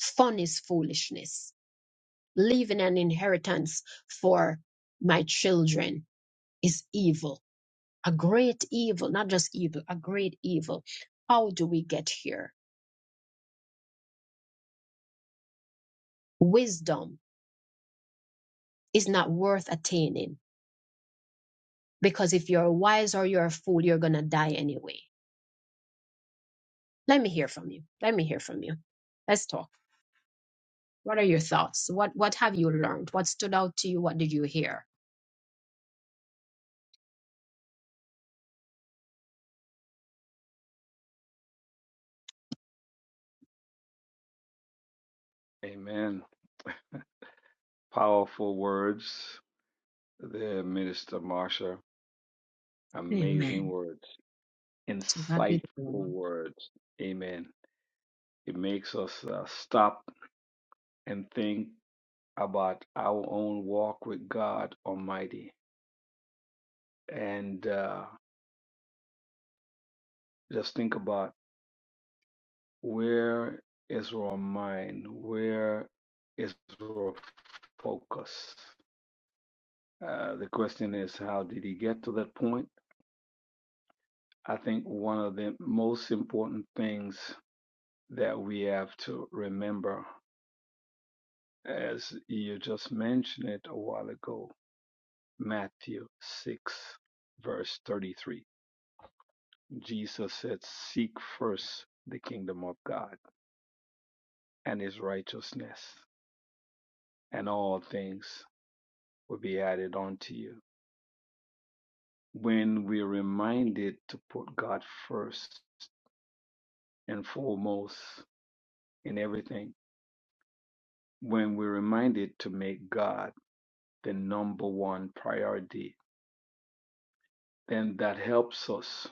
Fun is foolishness. Leaving an inheritance for my children is evil, a great evil, not just evil, a great evil. How do we get here? Wisdom is not worth attaining because if you're wise or you're a fool, you're going to die anyway. Let me hear from you. Let me hear from you. Let's talk. What are your thoughts? What what have you learned? What stood out to you? What did you hear? Amen. To God be the glory. already and uh, just think about where is our mind? Where is our focus? Uh, the question is, how did he get to that point? I think one of the most important things that we have to remember, as you just mentioned it a while ago, Matthew 6, verse 33. Jesus said, Seek first the kingdom of God and his righteousness, and all things will be added unto you. When we're reminded to put God first and foremost in everything, when we're reminded to make God the number one priority, then that helps us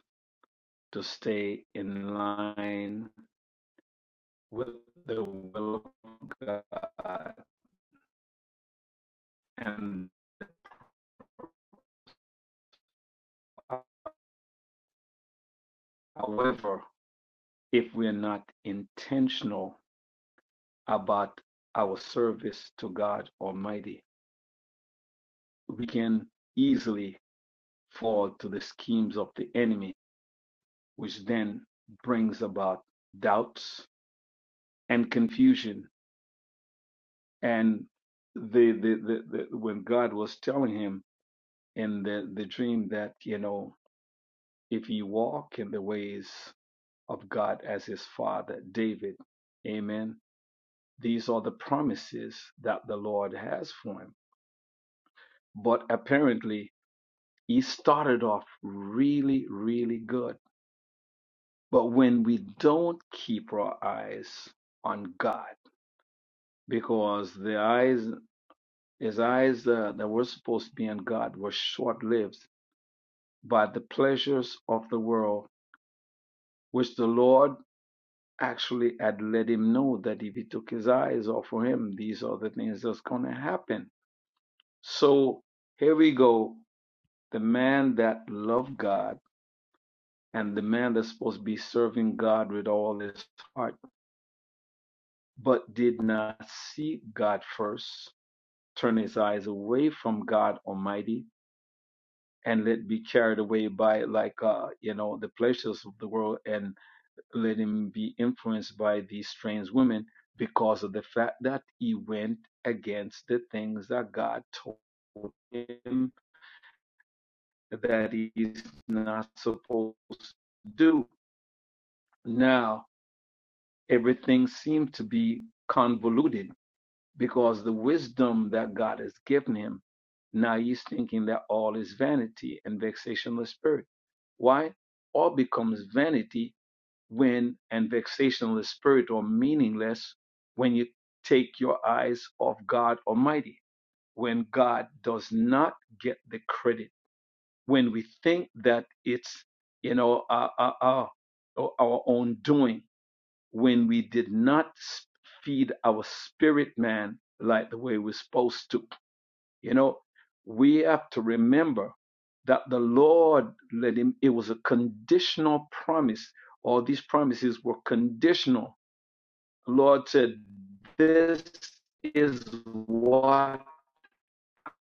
to stay in line with the will of God. And however, if we're not intentional about our service to God Almighty, we can easily fall to the schemes of the enemy, which then brings about doubts and confusion. And the, the, the, the when God was telling him in the, the dream that, you know, if ye walk in the ways of God as his father, David, amen, these are the promises that the Lord has for him. But apparently, he started off really, really good But when we don't keep our eyes on God, because the eyes, his eyes uh, that were supposed to be on God were short lived by the pleasures of the world, which the Lord actually had let him know that if he took his eyes off of him, these are the things that's going to happen. So here we go. The man that loved God and the man that's supposed to be serving God with all his heart, but did not seek God first turn his eyes away from God Almighty and let be carried away by like uh you know the pleasures of the world and let him be influenced by these strange women because of the fact that he went against the things that God told him that he's not supposed to do. Now everything seemed to be convoluted because the wisdom that God has given him, now he's thinking that all is vanity and vexationless spirit. Why? All becomes vanity when and vexationless spirit or meaningless when you take your eyes off God Almighty, when God does not get the credit, when we think that it's, you know, our, our, our, our own doing when we did not feed our spirit man like the way we're supposed to. You know, we have to remember that the Lord let him, it was a conditional promise. All these promises were conditional. The Lord said, This is what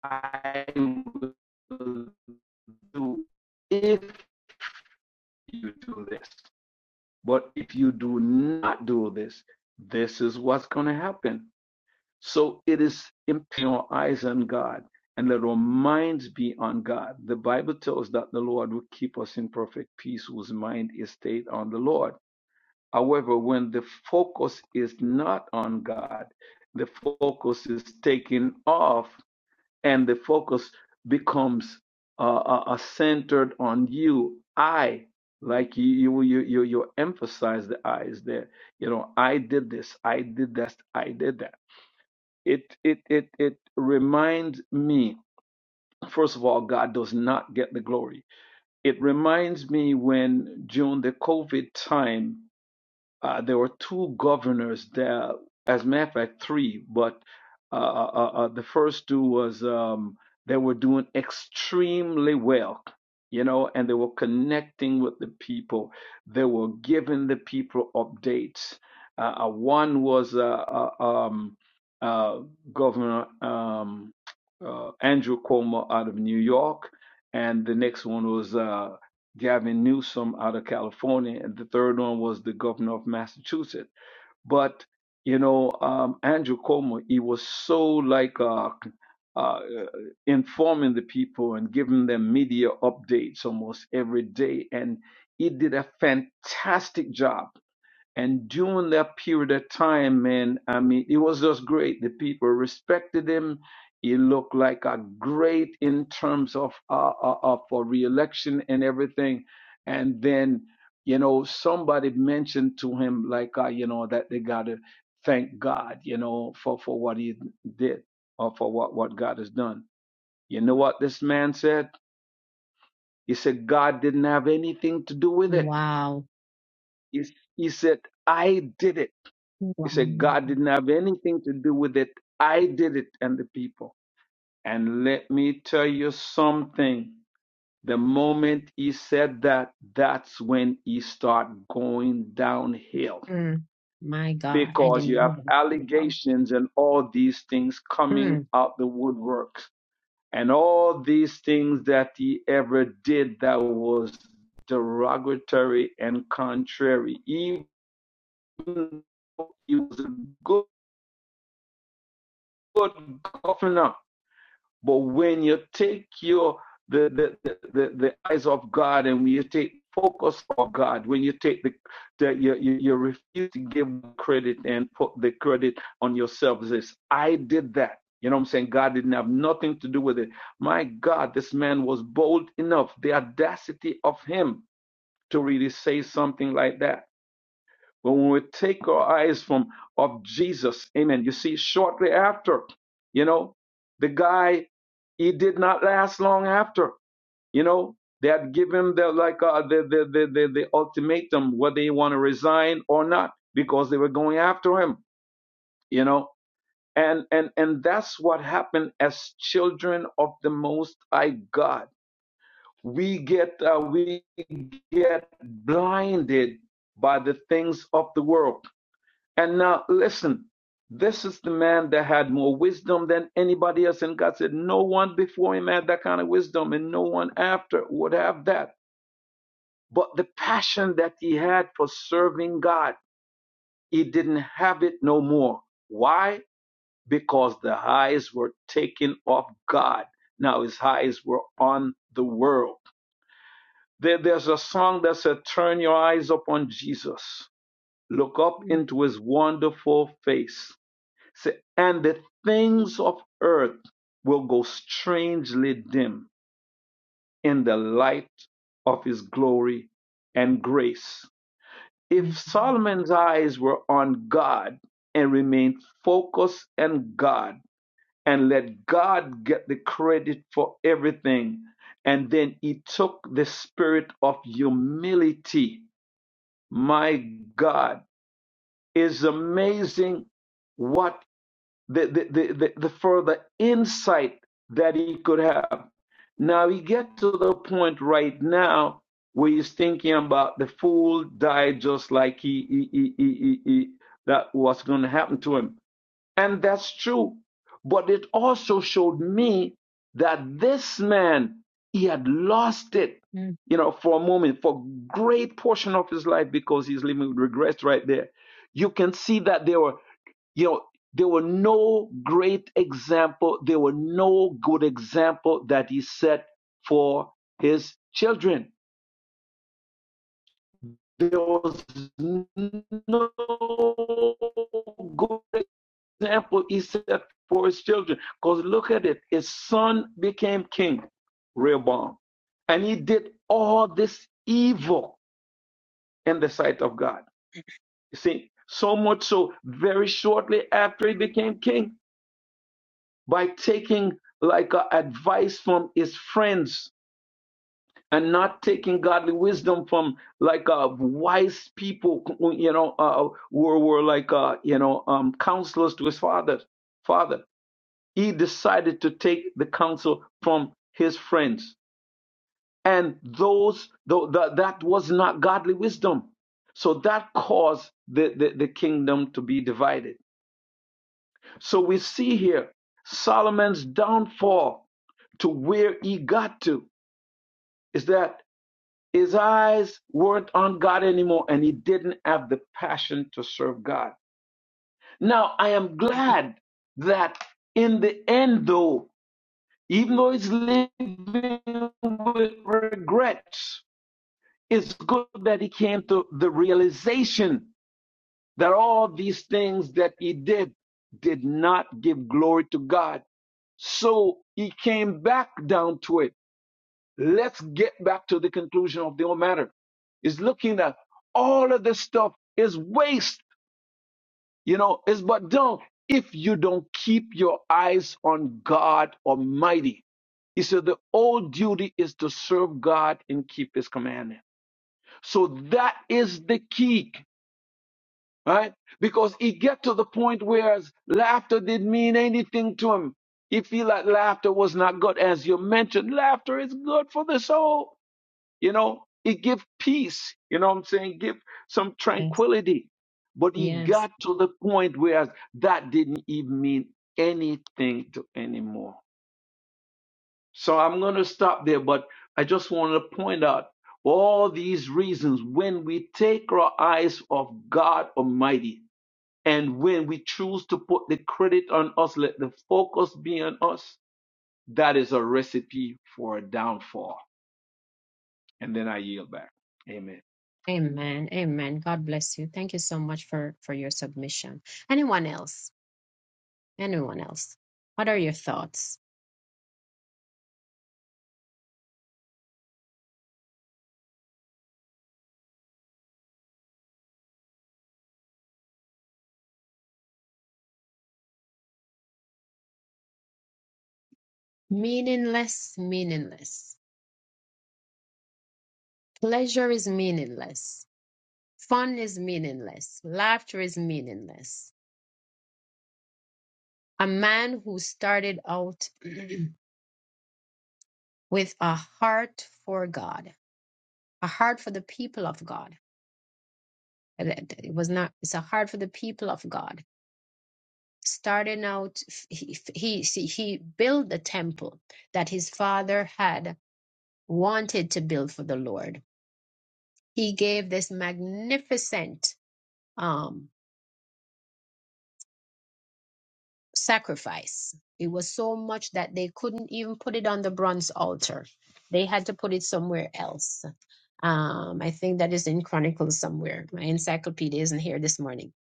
I will do if you do this. But if you do not do this, this is what's going to happen. So it is impairing our eyes on God and let our minds be on God. The Bible tells that the Lord will keep us in perfect peace whose mind is stayed on the Lord. However, when the focus is not on God, the focus is taken off and the focus becomes uh, uh, uh, centered on you. I like you, you you you you emphasize the eyes there. You know, I did this, I did that, I did that it it it it reminds me first of all god does not get the glory it reminds me when during the covid time uh, there were two governors there, as a matter of fact, three, but uh, uh, uh, uh, the first two was um, they were doing extremely well, you know, and they were connecting with the people. They were giving the people updates. Uh, uh, one was uh, uh, um, uh, Governor um, uh, Andrew Cuomo out of New York, and the next one was uh, Gavin Newsom out of California, and the third one was the governor of Massachusetts. But you know, um, Andrew Cuomo, he was so like uh, uh, informing the people and giving them media updates almost every day, and he did a fantastic job and during that period of time, man, I mean, it was just great. The people respected him. He looked like a great in terms of uh, uh, uh, for reelection and everything. And then, you know, somebody mentioned to him like, uh, you know, that they gotta thank God, you know, for for what he did or for what what God has done. You know what this man said? He said God didn't have anything to do with it. Wow. He, he said I did it. He said, God Wow. didn't have anything to do with it. I did it and the people. And let me tell you something. The moment he said that, that's when he started going downhill Mm. My God, I because didn't you know have that. Wow. allegations and all these things coming Mm. out the woodworks and all these things that he ever did that was derogatory and contrary. Even though he was a good, good governor But when you take your the the, the, the, the eyes of God and when you take focus on God, when you take the, the you, you, you refuse to give credit and put the credit on yourself says, I did that. You know what I'm saying? God didn't have nothing to do with it. My God, this man was bold enough, the audacity of him to really say something like that. But when we take our eyes from of Jesus, amen. You see, shortly after, you know, the guy, he did not last long after, you know, they had given him the like uh, the, the, the the the ultimatum whether he want to resign or not because they were going after him, you know. And and and that's what happened as children of the Most High God. We get uh, we get blinded by the things of the world and now, listen, this is the man that had more wisdom than anybody else. And God said, No one before him had that kind of wisdom, and no one after would have that. But the passion that he had for serving God, he didn't have it no more. Why? Because the eyes were taken off God. Now his eyes were on the world. There- there's a song that said, Turn your eyes upon Jesus, look up Mm. into his wonderful face See, and the things of earth will go strangely dim in the light of his glory and grace. My If God. Solomon's eyes were on God and remained focused on God and let God get the credit for everything, and then he took the spirit of humility, my God, is amazing what the, the, the, the, the further insight that he could have. Now he get to the point right now where he's thinking about the fool died just like he, he, he, he, he he- that was going to happen to him. And that's true. But it also showed me that this man, he had lost it, Mm. you know, for a moment, for a great portion of his life because he's living with regrets right there. You can see that there were you know there were no great example there were no good example that he set for his children there was no good example he set for his children because look at it his son became king rehoboam and he did all this evil in the sight of god you see so much so very shortly after he became king by taking like uh, advice from his friends and not taking godly wisdom from like uh, wise people you know uh, were were like uh, you know um, counselors to his father father he decided to take the counsel from his friends and those though that that was not godly wisdom so that caused the, the the kingdom to be divided So we see here Solomon's downfall to where he got to is that his eyes weren't on God anymore and he didn't have the passion to serve God. Now, I am glad that in the end, though, even though he's living with regrets, it's good that he came to the realization that all these things that he did did not give glory to God So he came back down to it. Let's get back to the conclusion of the whole matter. He's looking at all of this stuff is waste, you know, is but dung if you don't keep your eyes on God Almighty. He said the old duty is to serve God and keep his commandment. So that is the key. right? Because he get to the point where his laughter didn't mean anything to him. He feel like laughter was not good, as you mentioned. Laughter is good for the soul, you know. It give peace, you know what I'm saying? Give some Yes. tranquility. But he Yes. got to the point where that didn't even mean anything to anymore. So I'm going to stop there, but I just want to point out all these reasons when we take our eyes off God Almighty, and when we choose to put the credit on us, let the focus be on us, that is a recipe for a downfall. Amen. Amen. God bless you. Thank you so much for for your submission. Anyone else? Anyone else? What are your thoughts? Meaningless, meaningless. Pleasure is meaningless. Fun is meaningless. Laughter is meaningless. A man who started out with a heart for God, a heart for the people of God It it was not. It's hard for the people of God. Starting out, he he see, he built the temple that his father had wanted to build for the Lord. He gave this magnificent um, sacrifice. It was so much that they couldn't even put it on the bronze altar. They had to put it somewhere else. Um, I think that is in Chronicles somewhere. My encyclopedia isn't here this morning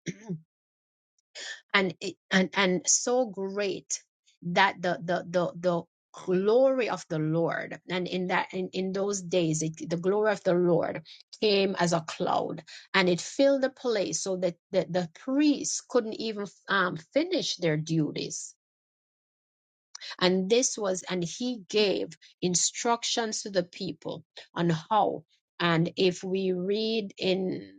and it, and and so great that the the the the glory of the lord and in that in, in those days it, the glory of the lord came as a cloud and it filled the place so that the, the priests couldn't even um, finish their duties and this was, and he gave instructions to the people on how. And if we read in,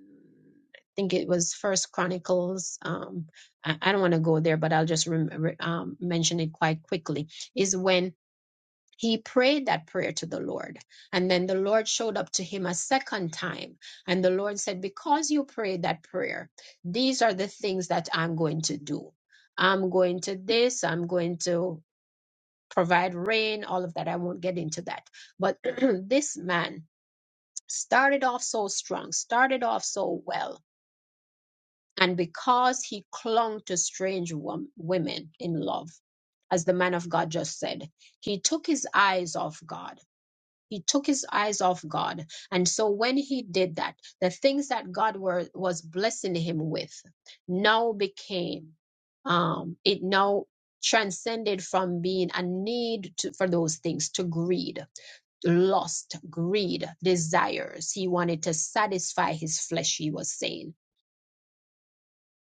I think it was First Chronicles. Um, I, I don't want to go there, but I'll just rem- re- um, mention it quite quickly. Is when he prayed that prayer to the Lord, and then the Lord showed up to him a second time, and the Lord said, "Because you prayed that prayer, these are the things that I'm going to do." I'm going to this, I'm going to provide rain, all of that. I won't get into that. But this man started off so strong, started off so well. And because he clung to strange wom- women in love, as the man of God just said, he took his eyes off God he took his eyes off God. And so when he did that, the things that God were, was blessing him with now became, um, it now transcended from being a need to, for those things to greed, lust, greed, desires. He wanted to satisfy his flesh, he was saying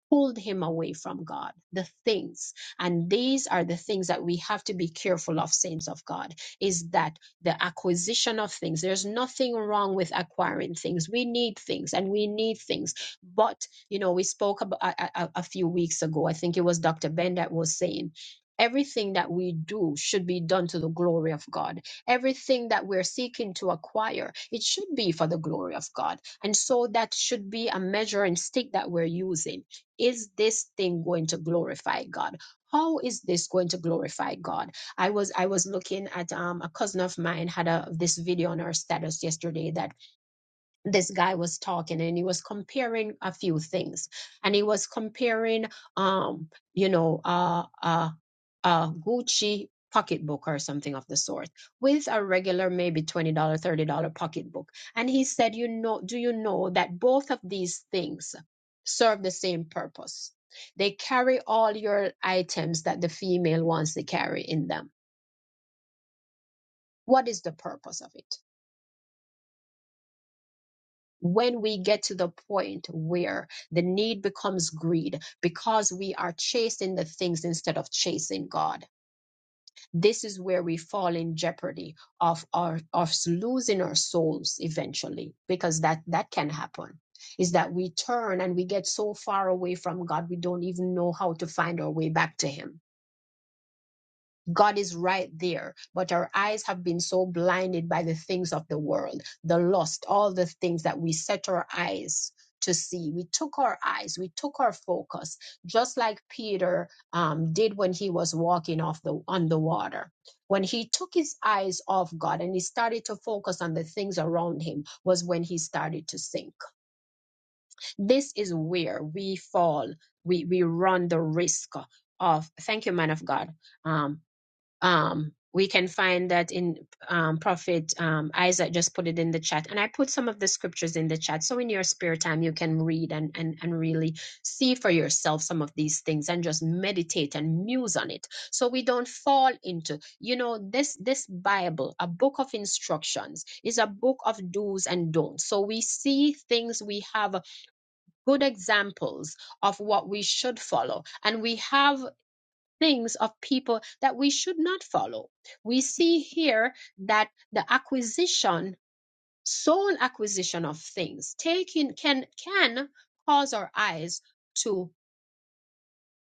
pulled him away from God, the things. And these are the things that we have to be careful of, saints of God, is that the acquisition of things. There's nothing wrong with acquiring things. We need things and we need things. But, you know, we spoke about a, a, a few weeks ago, I think it was Dr. Ben that was saying, Everything that we do should be done to the glory of God. Everything that we're seeking to acquire, it should be for the glory of God. And so that should be a measuring stick that we're using is this thing going to glorify god how is this going to glorify god i was i was looking at um a cousin of mine had a this video on her status yesterday that this guy was talking and he was comparing a few things and he was comparing um you know uh uh a gucci pocketbook or something of the sort with a regular maybe $20 dollar $30 pocketbook and he said you know do you know that both of these things serve the same purpose they carry all your items that the female wants to carry in them what is the purpose of it when we get to the point where the need becomes greed because we are chasing the things instead of chasing God, this is where we fall in jeopardy of our of losing our souls eventually, because that that can happen. Is that we turn and we get so far away from God we don't even know how to find our way back to Him God is right there, but our eyes have been so blinded by the things of the world, the lust, all the things that we set our eyes to see. We took our eyes, we took our focus, just like Peter um, did when he was walking off the on the water. When he took his eyes off God and he started to focus on the things around him, was when he started to sink. This is where we fall. We we run the risk of. Thank you, man of God. Um, um, we can find that in um, Prophet um, Isaac just put it in the chat. And I put some of the scriptures in the chat. So in your spare time, you can read and, and, and really see for yourself some of these things and just meditate and muse on it. So we don't fall into, you know, this, this Bible, a book of instructions, is a book of do's and don'ts. So we see things, we have good examples of what we should follow. And we have things of people that we should not follow. We see here that the acquisition, sole acquisition of things, taking can can cause our eyes to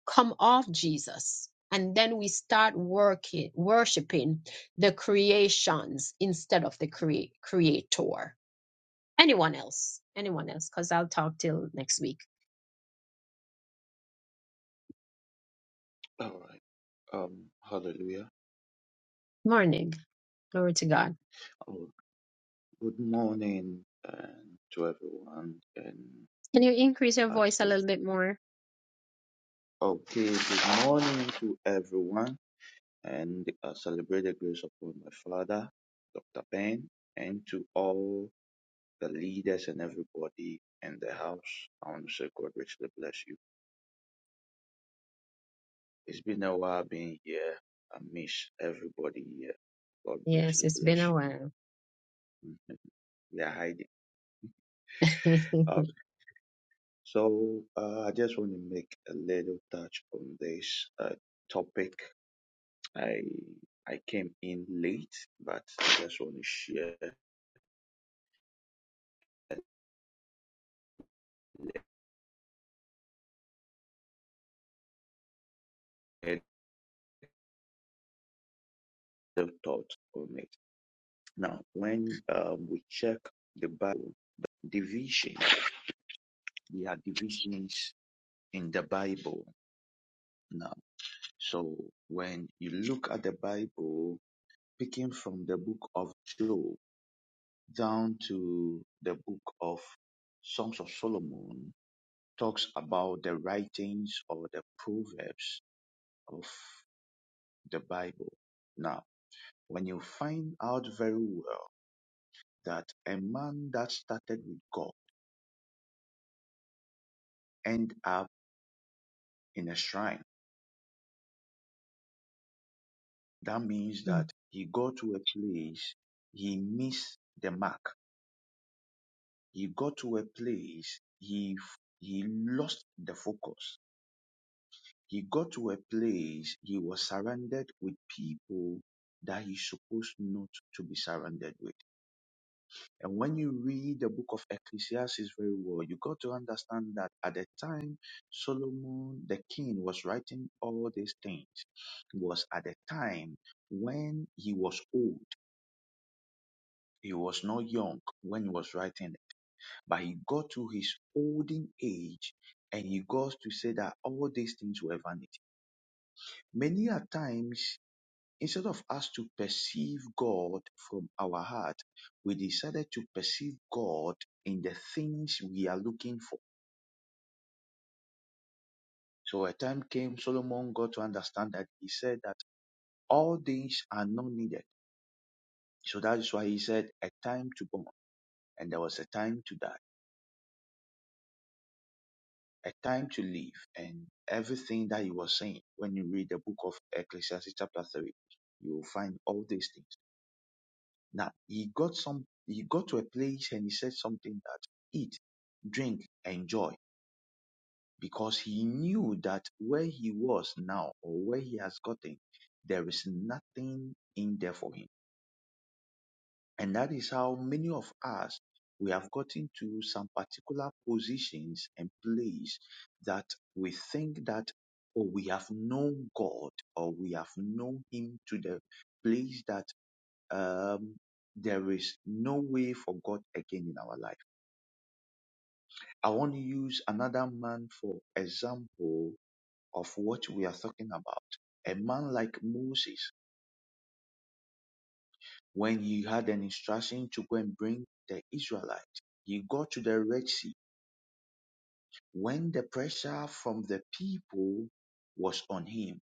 come off Jesus. And then we start working, worshiping the creations instead of the crea- creator. Anyone else? Anyone else? Because I'll talk till next week. All right. Um, hallelujah. Morning. Glory to God. Oh, good morning and to everyone and Can you increase your voice a absolutely. little bit more? Okay, good morning to everyone and I celebrate the grace upon my father, Dr. Ben, and to all the leaders and everybody in the house. I want to say God richly bless you. It's been a while being here. I miss everybody here. God Yes, richly it's bless been a while. you. we are hiding. Uh, So uh, I just want to make a little touch on this uh, topic. I I came in late, but I just want to share a little thought on it. Now, when um, we check the Bible, division, there are divisions in the Bible now. So when you look at the Bible, picking from the book of Job down to the book of Songs of Solomon, talks about the writings or the proverbs of the Bible. Now, when you find out very well that a man that started with God end up in a shrine, that means Mm. that he got to a place he missed the mark. He got to a place he he lost the focus. He got to a place he was surrounded with people that he's supposed not to be surrounded with. And when you read the book of Ecclesiastes very well, you got to understand that at the time Solomon the king was writing all these things, was at the time when he was old. He was not young when he was writing, it, but he got to his olden age and he got to say that all these things were vanity. Many a times Instead of us to perceive God from our heart, we decided to perceive God in the things we are looking for. So a time came, Solomon got to understand that he said that all things are not needed. So that is why he said, a time to born, and there was a time to die, a time to live, and everything that he was saying. When you read the book of Ecclesiastes chapter 3, you will find all these things. Now he got some he got to a place and he said something that eat, drink, enjoy. Because he knew that where he was now or where he has gotten, there is nothing in there for him. And that is how many of us we have gotten to some particular positions and place that we think that or we have known God or we have known him to the place that um, there is no way for God again in our life. I want to use another man for example of what we are talking about. A man like Moses, when he had an instruction to go and bring the Israelites, he got to the Red Sea. When the pressure from the people was on him,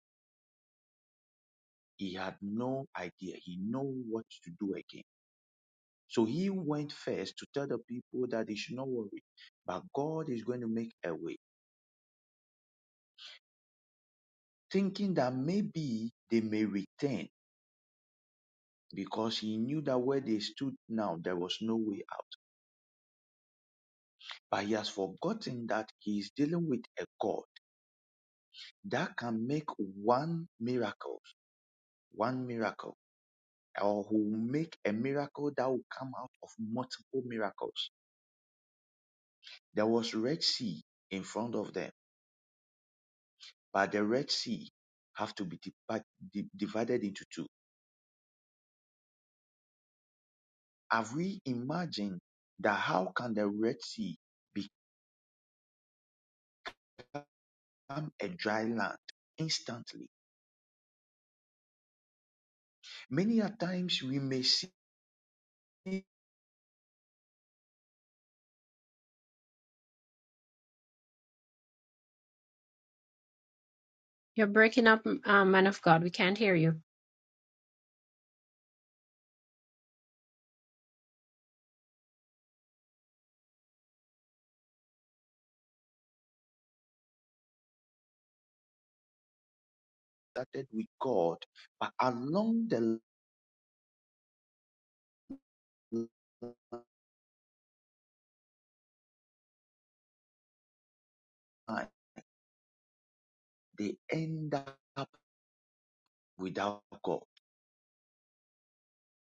he had no idea. He knew what to do again. So he went first to tell the people that they should not worry, but God is going to make a way thinking that maybe they may return because he knew that where they stood now, there was no way out. But he has forgotten that he is dealing with a God that can make one miracle, one miracle, or who will make a miracle that will come out of multiple miracles. There was Red Sea in front of them, but the Red Sea have to be dipa- di- divided into two. Have we imagined that how can the Red Sea be become a dry land instantly. Many a times we may see it You're breaking up, uh, man of God. We can't hear you. started with God, but along the line they end up without God.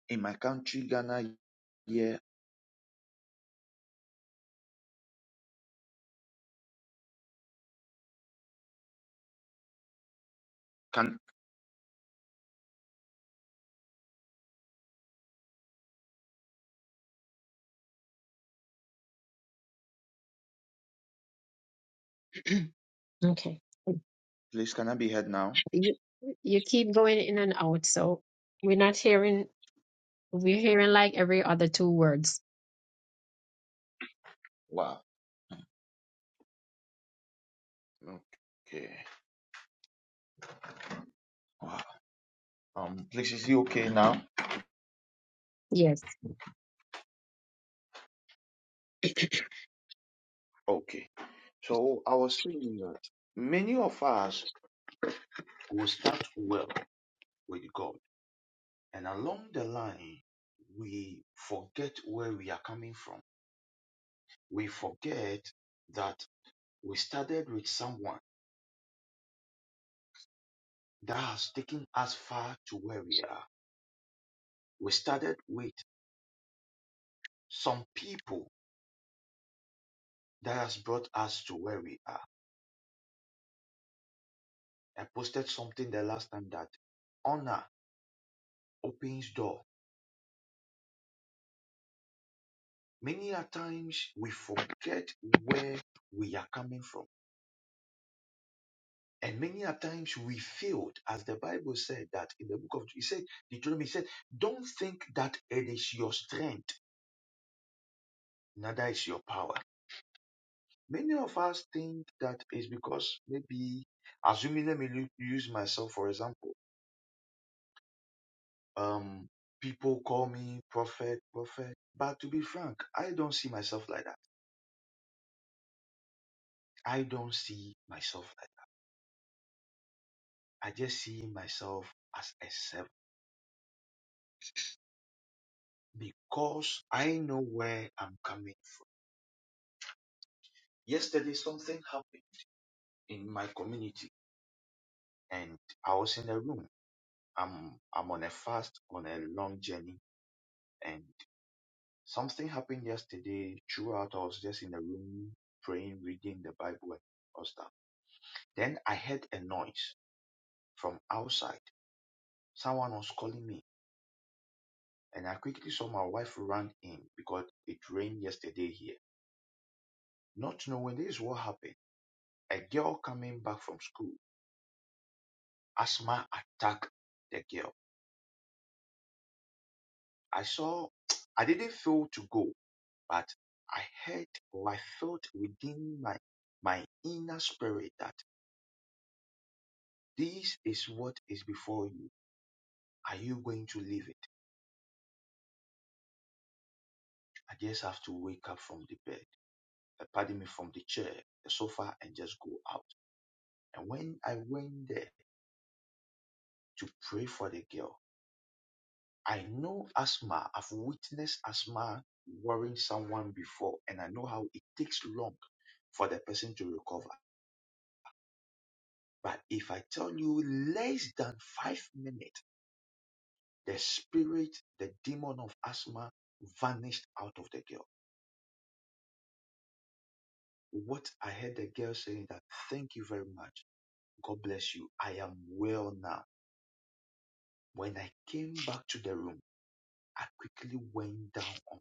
In my country, Ghana, yeah. Can okay. please can I be heard now? you. You keep going in and out, so we're not hearing. We're hearing like every other two words. Wow. Okay. Wow. Um, please is it okay now? Yes. Okay. So I was saying that many of us will start well with God. And along the line, we forget where we are coming from. We forget that we started with someone that has taken us far to where we are. We started with some people that has brought us to where we are. I posted something the last time that honor opens door. Many a times we forget where we are coming from And many a times we failed, as the Bible said that in the book of he said Deuteronomy he said, don't think that it is your strength, neither is your power. Many of us think that is because maybe assuming let me use myself for example. Um, people call me prophet, prophet, but to be frank, I don't see myself like that. I don't see myself like that. I just see myself as a servant because I know where I'm coming. Yesterday something happened in my community and I was in a room. I'm I'm on a fast on a long journey and something happened yesterday. Throughout I was just in a room praying, reading the Bible and all stuff. Then I heard a noise from outside. Someone was calling me and I quickly saw my wife run in because it rained yesterday here. Not knowing this is what happened. A girl coming back from school, asthma attacked the girl. I saw I didn't feel to go But I heard or I felt within my, my inner spirit that this is what is before you. Are you going to leave it? I just have to wake up from the bed, uh, pardon me, from the chair, the sofa, and just go out. And when I went there to pray for the girl, I know asthma. I've witnessed asthma worrying someone before, and I know how it takes long for the person to recover. But if I tell you less than five minutes, The spirit, the demon of asthma vanished out of the girl. What I heard the girl saying that, thank you very much. God bless you. I am well now. When I came back to the room, I quickly went down on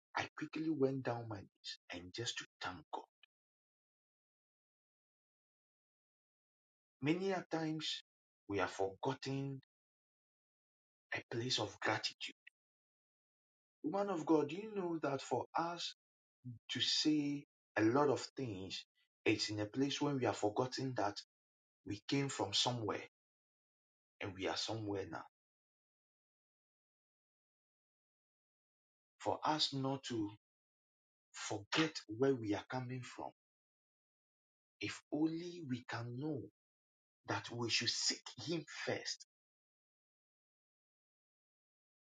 my, I quickly went down my knees and just to thank God. Many a times we have forgotten a place of gratitude. Woman of God, do you know that for us to say a lot of things, it's in a place when we have forgotten that We came from somewhere and we are somewhere now. For us not to forget where we are coming from, if only we can know that we should seek Him first,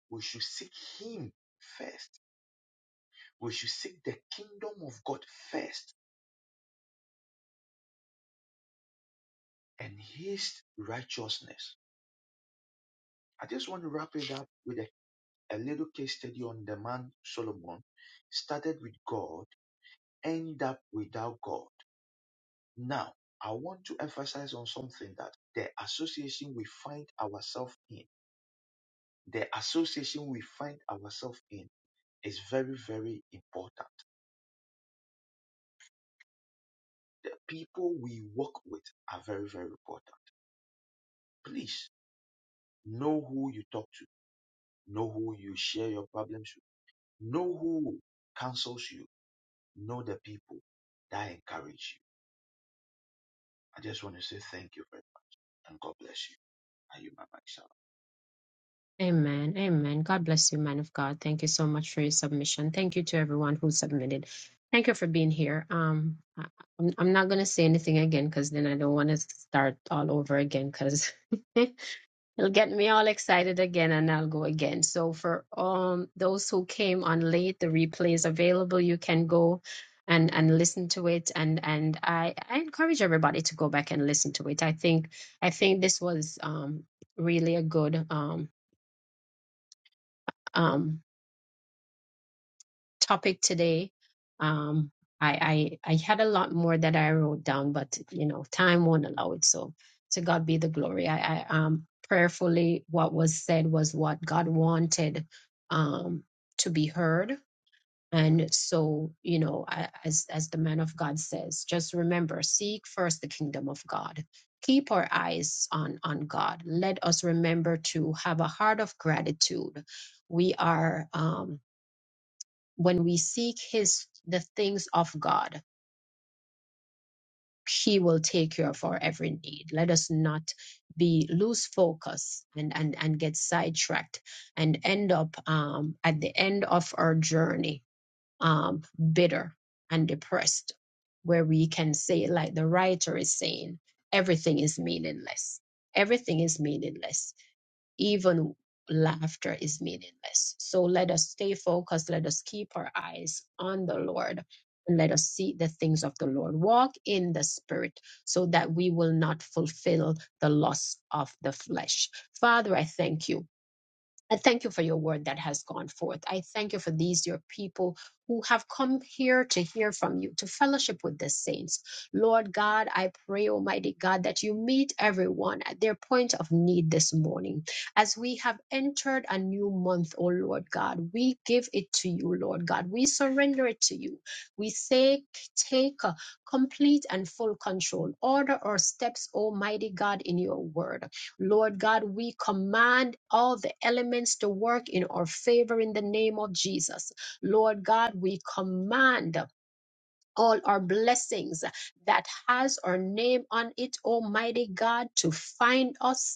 we should seek Him first, we should seek the kingdom of God first and His righteousness. I just want to wrap it up with a, a little case study on the man Solomon started with God, ended up without God. Now, I want to emphasize on something that the association we find ourselves in, the association we find ourselves in is very, very important. The people we work with are very, very important. Please know who you talk to, know who you share your problems with, know who counsels you, know the people that encourage you. I just want to say thank you very much and God bless you. Are you my mic, Amen. Amen. God bless you, man of God. Thank you so much for your submission. Thank you to everyone who submitted. Thank you for being here. Um, I- I'm, I'm not gonna say anything again because then I don't want to start all over again because It'll get me all excited again and I'll go again. So for um those who came on late, the replay is available. You can go and and listen to it and and I I encourage everybody to go back and listen to it. I think I think this was um really a good um um topic today. Um, I, I I had a lot more that I wrote down, but you know, time won't allow it. So to God be the glory. I, I um prayerfully what was said was what God wanted um to be heard. And so, you know, I- as as the man of God says, just remember, seek first the kingdom of God. Keep our eyes on on God. Let us remember to have a heart of gratitude. We are um when we seek his the things of god he will take care of our every need let us not be lose focus and and and get sidetracked and end up um at the end of our journey um bitter and depressed where we can say like the writer is saying everything is meaningless everything is meaningless even laughter is meaningless. So let us stay focused. Let us keep our eyes on the Lord and let us see the things of the Lord. Walk in the Spirit so that we will not fulfill the lust of the flesh. Father, I thank you. I thank you for your word that has gone forth. I thank you for these, your people who have come here to hear from you, to fellowship with the saints. Lord God, I pray, Almighty God, that you meet everyone at their point of need this morning. As we have entered a new month, O Lord God, we give it to you, Lord God. We surrender it to you. We say, take uh, complete and full control. Order our steps, Almighty God, in your word. Lord God, we command all the elements to work in our favor in the name of Jesus. Lord God, we command all our blessings that has our name on it, Almighty God, to find us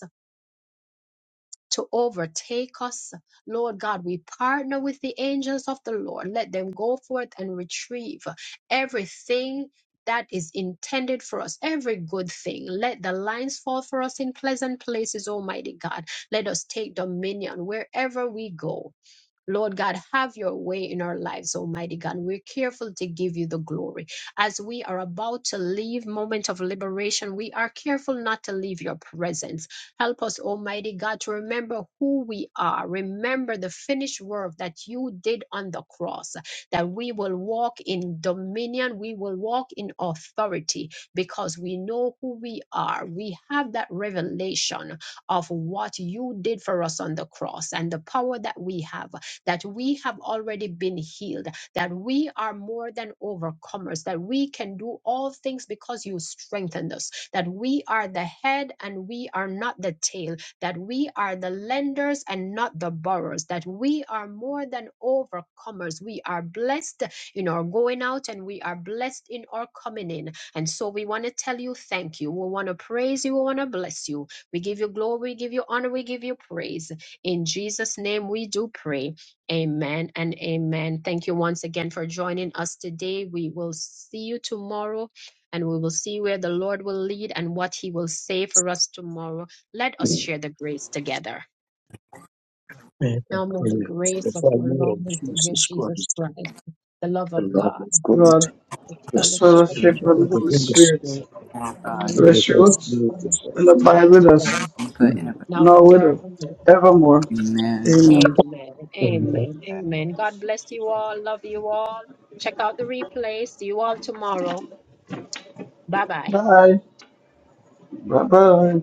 to overtake us. Lord God, we partner with the angels of the Lord. Let them go forth and retrieve everything that is intended for us, every good thing. Let the lines fall for us in pleasant places, Almighty God. Let us take dominion wherever we go. Lord God, have your way in our lives, Almighty God. We're careful to give you the glory. As we are about to leave moment of liberation, we are careful not to leave your presence. Help us, Almighty God, to remember who we are. Remember the finished work that you did on the cross, that we will walk in dominion, we will walk in authority because we know who we are. We have that revelation of what you did for us on the cross and the power that we have that we have already been healed, that we are more than overcomers, that we can do all things because you strengthened us, that we are the head and we are not the tail, that we are the lenders and not the borrowers, that we are more than overcomers. We are blessed in our going out and we are blessed in our coming in. And so we want to tell you thank you. We want to praise you. We want to bless you. We give you glory. We give you honor. We give you praise. In Jesus' name we do pray. Amen and amen. Thank you once again for joining us today. We will see you tomorrow and we will see where the Lord will lead and what he will say for us tomorrow. Let us share the grace together. May the Now may the prayer grace of of our our Lord Lord and Savior Jesus Jesus Christ, Christ, the love the of love God, of God, God, the the the sweet fellowship of the fellowship Spirit, fellowship of the of Holy the Holy Holy Spirit, Spirit, Spirit, God, God, be remain The rest and best with now abide and abide with with us us, all, and now now and with us, forevermore. evermore. amen. Amen. Amen. Amen. Amen. God bless you all. Love you all. Check out the replay. See you all tomorrow. Bye bye. Bye. Bye bye.